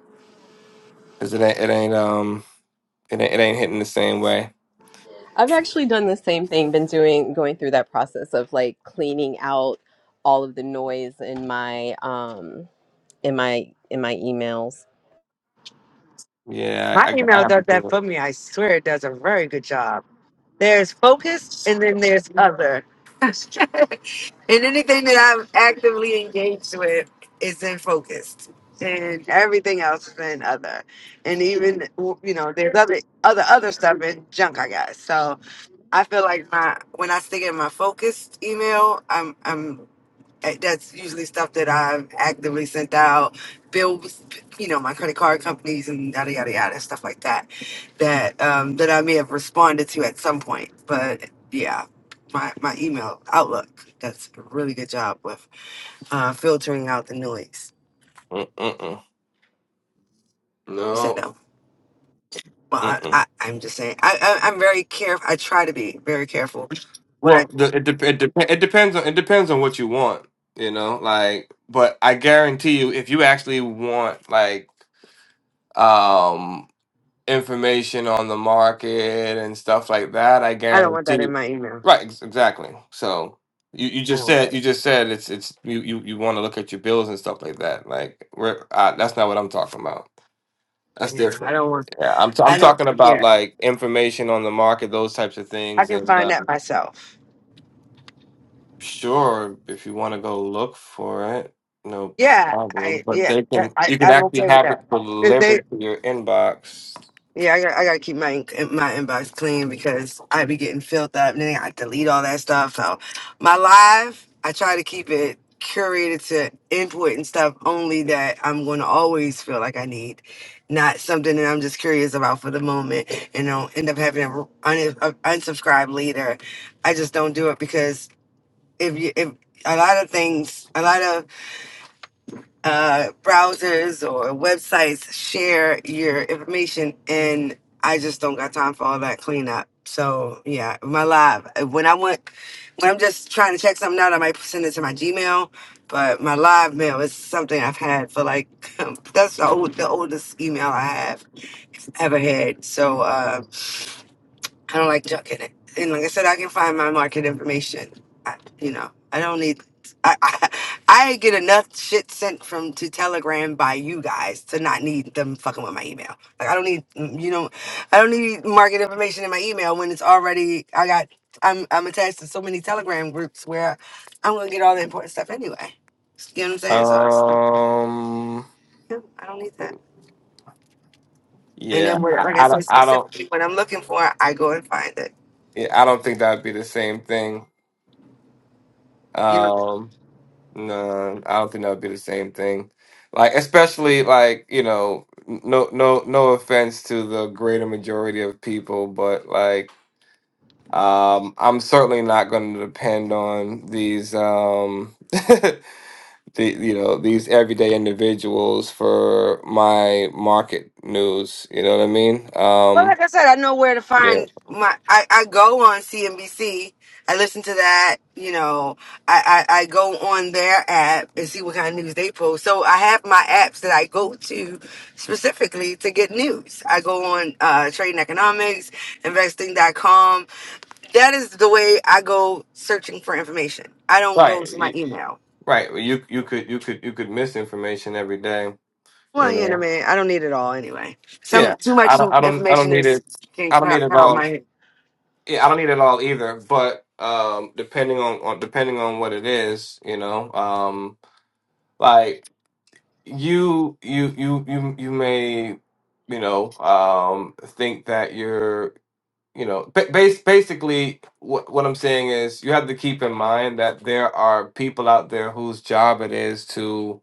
Speaker 3: because it ain't it ain't um It ain't, it ain't hitting the same way.
Speaker 5: I've actually done the same thing, been doing going through that process of like cleaning out all of the noise in my um in my in my emails.
Speaker 3: Yeah, I, I
Speaker 6: email
Speaker 3: have to
Speaker 6: does that
Speaker 3: do it.
Speaker 6: for me. I swear, it does a very good job There's focused and then there's other. And anything that I'm actively engaged with is in focused, and everything else is in other. And even you know, there's other other other stuff in junk I got. So I feel like my when I stick in my focused email, I'm I'm I- that's usually stuff that I've actively sent out, bills, you know, my credit card companies and yada yada yada stuff like that, that um, that I may have responded to at some point. But yeah, my my email Outlook that's a really good job with uh, filtering out the noise.
Speaker 3: Mm, Mm-mm.
Speaker 6: You said
Speaker 3: No.
Speaker 6: no. Well, I, I
Speaker 3: Mm-mm.
Speaker 6: I'm just saying I, I I'm very careful. I try to be very careful. What
Speaker 3: Well,
Speaker 6: I
Speaker 3: the, it, dep it, dep it depends on it depends on what you want, you know. Like, but I guarantee you, if you actually want like um information on the market and stuff like that, I
Speaker 6: I don't want that
Speaker 3: guarantee
Speaker 6: in
Speaker 3: you.
Speaker 6: my email.
Speaker 3: Right, ex- exactly. So you, you
Speaker 6: I
Speaker 3: just
Speaker 6: don't want
Speaker 3: said
Speaker 6: that.
Speaker 3: you just said it's it's you you, you want to look at your bills and stuff like that. Like, we're, uh, that's not what I'm talking about. That's
Speaker 6: Yeah, I
Speaker 3: different.
Speaker 6: don't want.
Speaker 3: Yeah, I'm t-
Speaker 6: I
Speaker 3: I'm
Speaker 6: don't.
Speaker 3: talking about
Speaker 6: Yeah,
Speaker 3: like information on the market, those types of
Speaker 6: I
Speaker 3: things.
Speaker 6: can
Speaker 3: And
Speaker 6: find
Speaker 3: uh,
Speaker 6: that myself.
Speaker 3: sure, if you want to go look for it, no
Speaker 6: Yeah,
Speaker 3: problem.
Speaker 6: I
Speaker 3: But
Speaker 6: yeah,
Speaker 3: they
Speaker 6: that-
Speaker 3: can
Speaker 6: I
Speaker 3: you can
Speaker 6: I'm
Speaker 3: actually
Speaker 6: okay with
Speaker 3: have it
Speaker 6: that. 'Cause they
Speaker 3: delivered to your inbox.
Speaker 6: yeah, I got I gotta keep my in- my inbox clean because I be getting filled up and then I delete all that stuff. So my live, I try to keep it curated to input and stuff only that I'm gonna always feel like I need, not something that I'm just curious about for the moment and I'll end up having to un- unsubscribe later. I just don't do it because if you if a lot of things, a lot of uh, browsers or websites share your information, and I just don't got time for all that cleanup. So yeah, my live uh, when I went when I'm just trying to check something out, I might send it to my Gmail. But my live mail is something I've had for like that's the old the oldest email I have ever had. So uh, I don't like junk in it. And like I said, I can find my market information. I, you know, I don't need. I, I I get enough shit sent from to Telegram by you guys to not need them fucking with my email. Like I don't need mm, you know, I don't need market information in my email when it's already I got. I'm I'm attached to so many Telegram groups where I'm gonna get all the important stuff anyway. You know what I'm saying? So
Speaker 3: Um,
Speaker 6: yeah, I don't need that. And
Speaker 3: yeah,
Speaker 6: then where,
Speaker 3: I,
Speaker 6: like I
Speaker 3: I don't
Speaker 6: said,
Speaker 3: I don't
Speaker 6: specifically what I'm looking for, I go and find it.
Speaker 3: yeah, I don't think that'd be the same thing.
Speaker 6: You know.
Speaker 3: Um, No, I don't think that would be the same thing. Like, especially like, you know, n- no no no offense to the greater majority of people, but like um I'm certainly not going to depend on these um the you know, these everyday individuals for my market news, you know what I mean?
Speaker 6: Well,
Speaker 3: Um
Speaker 6: like I said, I know where to
Speaker 3: yeah.
Speaker 6: find my. I, I go on CNBC. I listen to that. You know, I, I I go on their app and see what kind of news they post. So I have my apps that I go to specifically to get news. I go on uh, Trading Economics, Investing. dot com. That is the way I go searching for information. I don't go
Speaker 3: Right.
Speaker 6: to my
Speaker 3: y-
Speaker 6: email.
Speaker 3: Right. You you could you could you could miss information every day,
Speaker 6: Well,
Speaker 3: you
Speaker 6: you know,
Speaker 3: know.
Speaker 6: man, I don't need it all anyway.
Speaker 3: Yeah,
Speaker 6: Some too
Speaker 3: I
Speaker 6: much
Speaker 3: don't, I don't, I don't
Speaker 6: information
Speaker 3: need
Speaker 6: is
Speaker 3: it.
Speaker 6: can
Speaker 3: I don't need
Speaker 6: crowd
Speaker 3: it all.
Speaker 6: my.
Speaker 3: Yeah, I don't need it all either. But um, depending on, on depending on what it is, you know, um, like you, you, you, you, you may, you know, um, think that you're, you know, ba- bas- basically what what I'm saying is you have to keep in mind that there are people out there whose job it is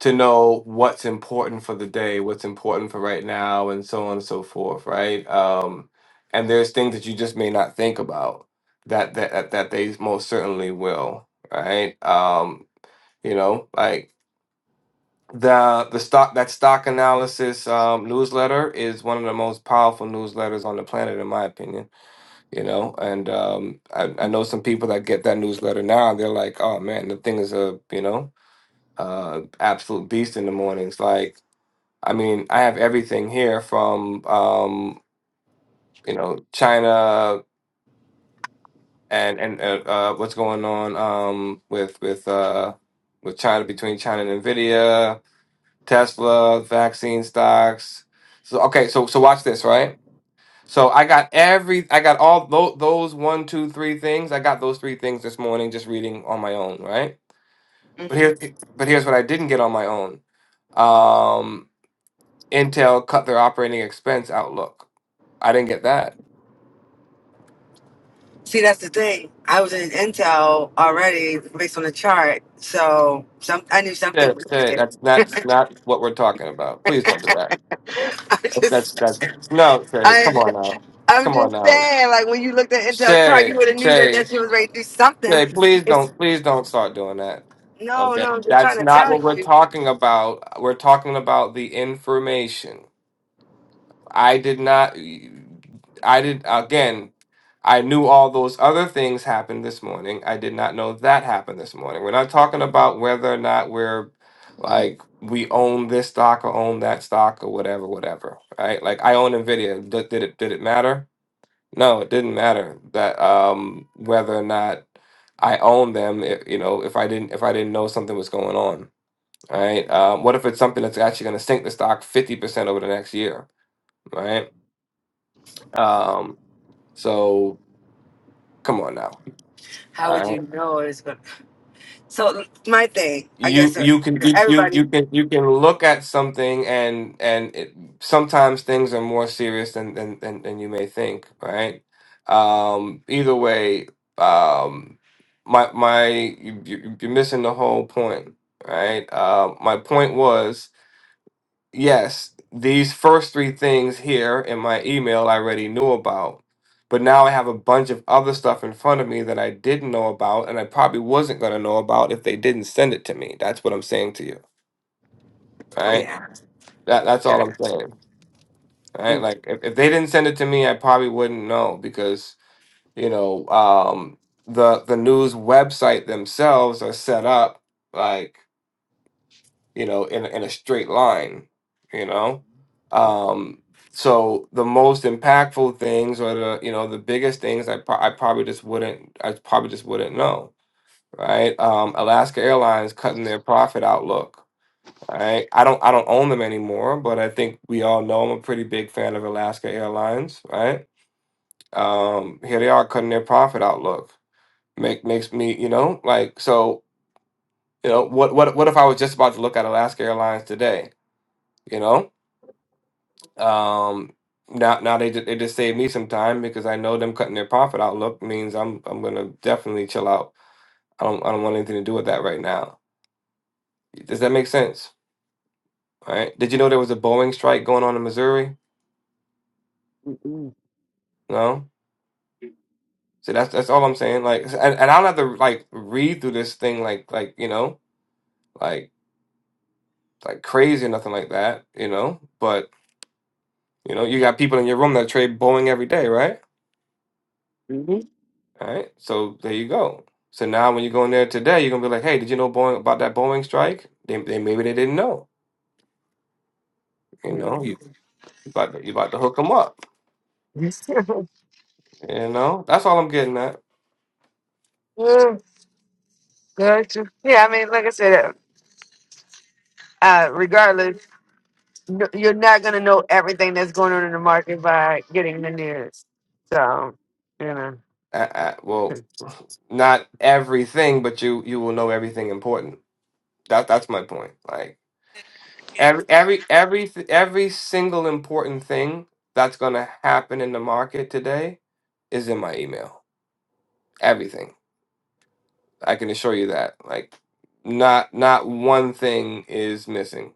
Speaker 3: to know what's important for the day, what's important for right now, and so on and so forth, right? Um, and there's things that you just may not think about that that that, that they most certainly will, right? Um, you know, like the the stock that stock analysis um, newsletter is one of the most powerful newsletters on the planet, in my opinion. You know, and um, I, I know some people that get that newsletter now, and they're like, "Oh man, the thing is a you know." uh absolute beast in the mornings like I mean, I have everything here from um, you know China and and uh, uh, what's going on um, with with uh, with China between China and Nvidia, Tesla, vaccine stocks. So okay, so so watch this, right? So I got every, I got all those, those one, two, three things. I got those three things this morning, just reading on my own, right?
Speaker 6: mm-hmm.
Speaker 3: But here, but here's what I didn't get on my own. Um, Intel cut their operating expense outlook. I didn't get that.
Speaker 6: See, that's the thing. I was in Intel already based on the chart, so some I knew something
Speaker 3: Shay,
Speaker 6: was
Speaker 3: Shay,
Speaker 6: there.
Speaker 3: that's that's not what we're talking about. Please don't do that.
Speaker 6: I
Speaker 3: That's that's
Speaker 6: just,
Speaker 3: that's no, Shay.
Speaker 6: I,
Speaker 3: Come on now,
Speaker 6: I'm
Speaker 3: come on
Speaker 6: just
Speaker 3: now,
Speaker 6: saying, like when you looked at Intel chart, you
Speaker 3: Shay,
Speaker 6: would have knew that
Speaker 3: Shay,
Speaker 6: that shit was ready to do something.
Speaker 3: Shay, Please
Speaker 6: It's
Speaker 3: don't, please don't start doing that.
Speaker 6: no,
Speaker 3: Okay,
Speaker 6: no. I'm just trying
Speaker 3: that's
Speaker 6: to
Speaker 3: not
Speaker 6: tell
Speaker 3: what we're
Speaker 6: you.
Speaker 3: talking about. We're talking about the information. I did not. I did again. I knew all those other things happened this morning. I did not know that happened this morning. We're not talking about whether or not we're like we own this stock or own that stock or whatever, whatever. Right? Like I own Nvidia. Did, did it did it matter? No, it didn't matter that um whether or not I own them. If, you know, if I didn't if I didn't know something was going on. Right? Um, what if it's something that's actually going to sink the stock fifty percent over the next year? Right? Um, so come on now.
Speaker 6: How would
Speaker 3: All right.
Speaker 6: you know it's going? to So my thing, I
Speaker 3: You
Speaker 6: guess. Uh,
Speaker 3: you can you, you
Speaker 6: everybody.
Speaker 3: you can you can look at something and and it, sometimes things are more serious than than than, than you may think, right? Um, either way, um, my my you, you- you're missing the whole point, right? Uh, my point was Yes, these first three things here in my email I already knew about, but now I have a bunch of other stuff in front of me that I didn't know about, and I probably wasn't going to know about if they didn't send it to me. That's what I'm saying to you,
Speaker 6: Oh,
Speaker 3: right?
Speaker 6: yeah.
Speaker 3: That that's all I'm saying, right?
Speaker 6: Mm-hmm.
Speaker 3: Like if, if they didn't send it to me, I probably wouldn't know because, you know, um, the the news website themselves are set up like. you know, in, in a straight line, you know? Um, so the most impactful things or the, you know, the biggest things I, pro- I probably just wouldn't, I probably just wouldn't know, right? Um, Alaska Airlines cutting their profit outlook, right? I don't, I don't own them anymore, but I think we all know I'm a pretty big fan of Alaska Airlines, right? Um, here they are cutting their profit outlook. Make, makes me, you know, like, so, you know, what, what, what if I was just about to look at Alaska Airlines today? you know Um, now, now they just, they just saved me some time because I know them cutting their profit outlook means I'm I'm gonna definitely chill out. I don't I don't want anything to do with that right now. Does that make sense? All right. Did you know there was a Boeing strike going on in Missouri? No. So that's that's all I'm saying. Like, and, and I don't have to like read through this thing like like you know like like crazy or nothing like that. You know, but you know you got people in your room that trade Boeing every day, right? All right, so there you go. So now when you go in there today, you're gonna be like, "Hey, did you know Boeing about that Boeing strike? They, they maybe they didn't know. You know, you you about to, you about to hook them up. You know, that's all I'm getting at.
Speaker 6: Gotcha. Yeah, I mean, like I said, uh, regardless. no- you're not going to know everything that's going on in the market by getting the news. So, you know.
Speaker 3: I, I, well, not everything, but you you will know everything important. That that's my point. Like every every every every single important thing that's gonna happen in the market today is in my email. Everything. I can assure you that. Like not not one thing is missing.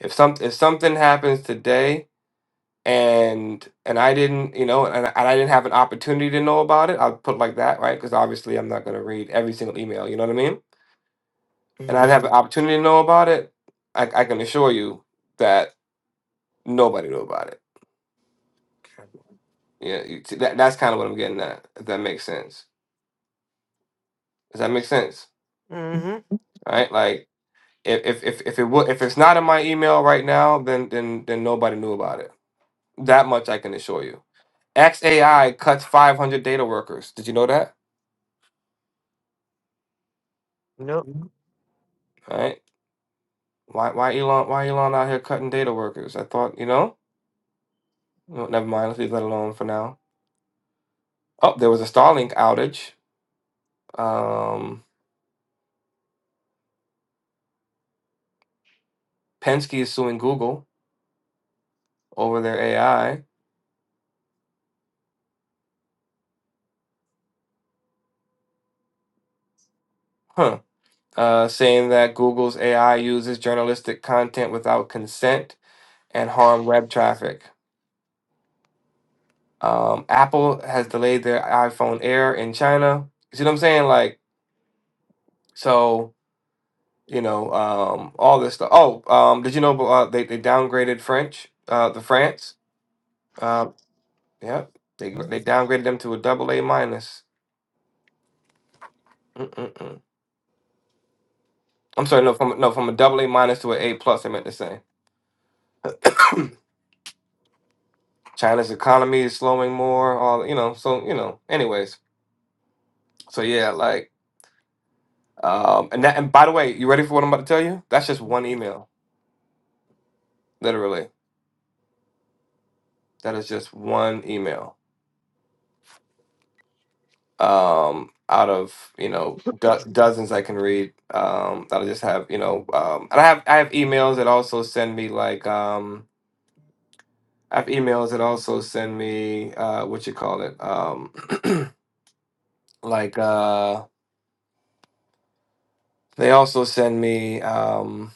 Speaker 3: If some if something happens today and and I didn't, you know, and, and I didn't have an opportunity to know about it, I'll put it like that, right? Because obviously I'm not going to read every single email, you know what I mean? And I'd
Speaker 6: Mm-hmm.
Speaker 3: have an opportunity to know about it, I, I can assure you that nobody knew about it. Yeah, you, see, that, that's kind of what I'm getting at, if that makes sense. Does that make sense?
Speaker 6: mm-hmm.
Speaker 3: Right? Like. If if if it would if it's not in my email right now, then then then nobody knew about it. That much I can assure you. XAI cuts 500 data workers. Did you know that? All right. Why why Elon why Elon out here cutting data workers? I thought, you know? No, never mind, let's leave that alone for now. Oh, there was a Starlink outage. Um Penske is suing Google over their AI. Huh. Uh saying that Google's AI uses journalistic content without consent and harm web traffic. Um, Apple has delayed their iPhone Air in China. You see what I'm saying? Like, so you know, um, all this stuff. Oh, um, did you know uh, they they downgraded French, uh, the France? Uh, yep, they they downgraded them to a double A minus. Mm-mm-mm. I'm sorry, no, from no, from a double A minus to an A plus. I meant to say. China's economy is slowing more. All you know, so you know. Anyways, so yeah, like, um, and that, and by the way, you ready for what I'm about to tell you? That's just one email, literally. That is just one email um, out of you know do- dozens I can read. Um, that I just have you know, um, and I have I have emails that also send me like um, I have emails that also send me uh, what you call it um, like uh, they also send me um,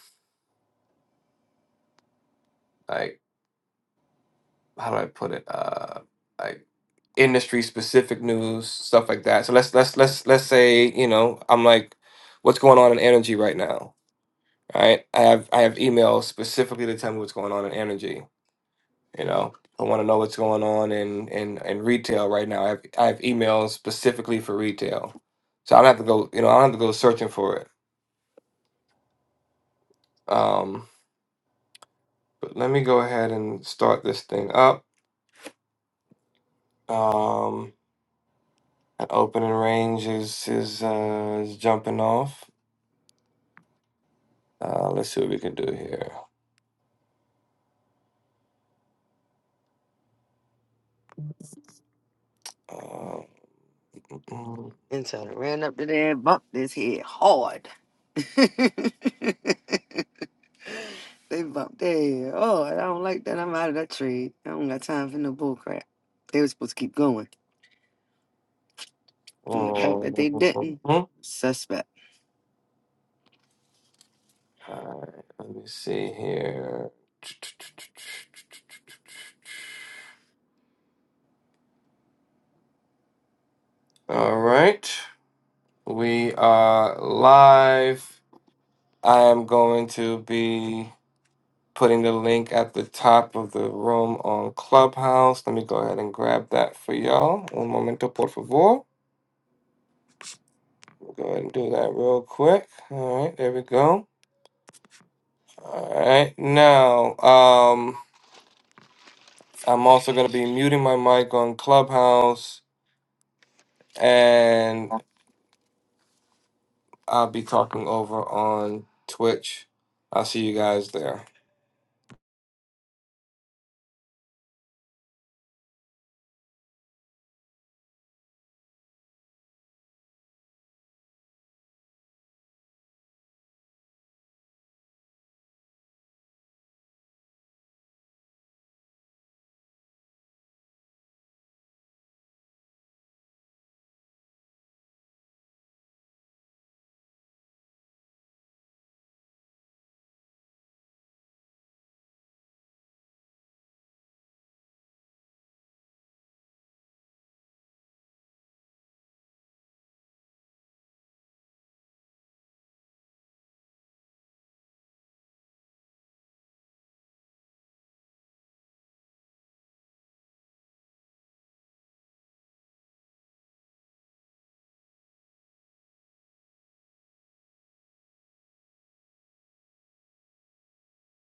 Speaker 3: like how do I put it uh, like industry specific news stuff like that. So let's let's let's let's say you know I'm like what's going on in energy right now right? I have I have emails specifically to tell me what's going on in energy. You know, I want to know what's going on in in in retail right now. I have I have emails specifically for retail, so I don't have to go. You know, I don't have to go searching for it. Um, but let me go ahead and start this thing up. Um, that opening range is is uh, is jumping off. Uh, let's see what we can do here. Uh, mm-hmm.
Speaker 6: And so I ran up to there and bumped his head hard. they bumped their head. Oh, I don't like that. I'm out of that trade. I don't got time for no bull crap. They were supposed to keep going. And the fact that they didn't,
Speaker 3: Mm-hmm.
Speaker 6: suspect.
Speaker 3: All right, let me see here. All right, we are live. I am going to be putting the link at the top of the room on Clubhouse. Let me go ahead and grab that for y'all. Un momento, por favor. Go ahead and do that real quick. All right, there we go. All right, now um, I'm also going to be muting my mic on Clubhouse. and. I'll be talking over on Twitch. I'll see you guys there.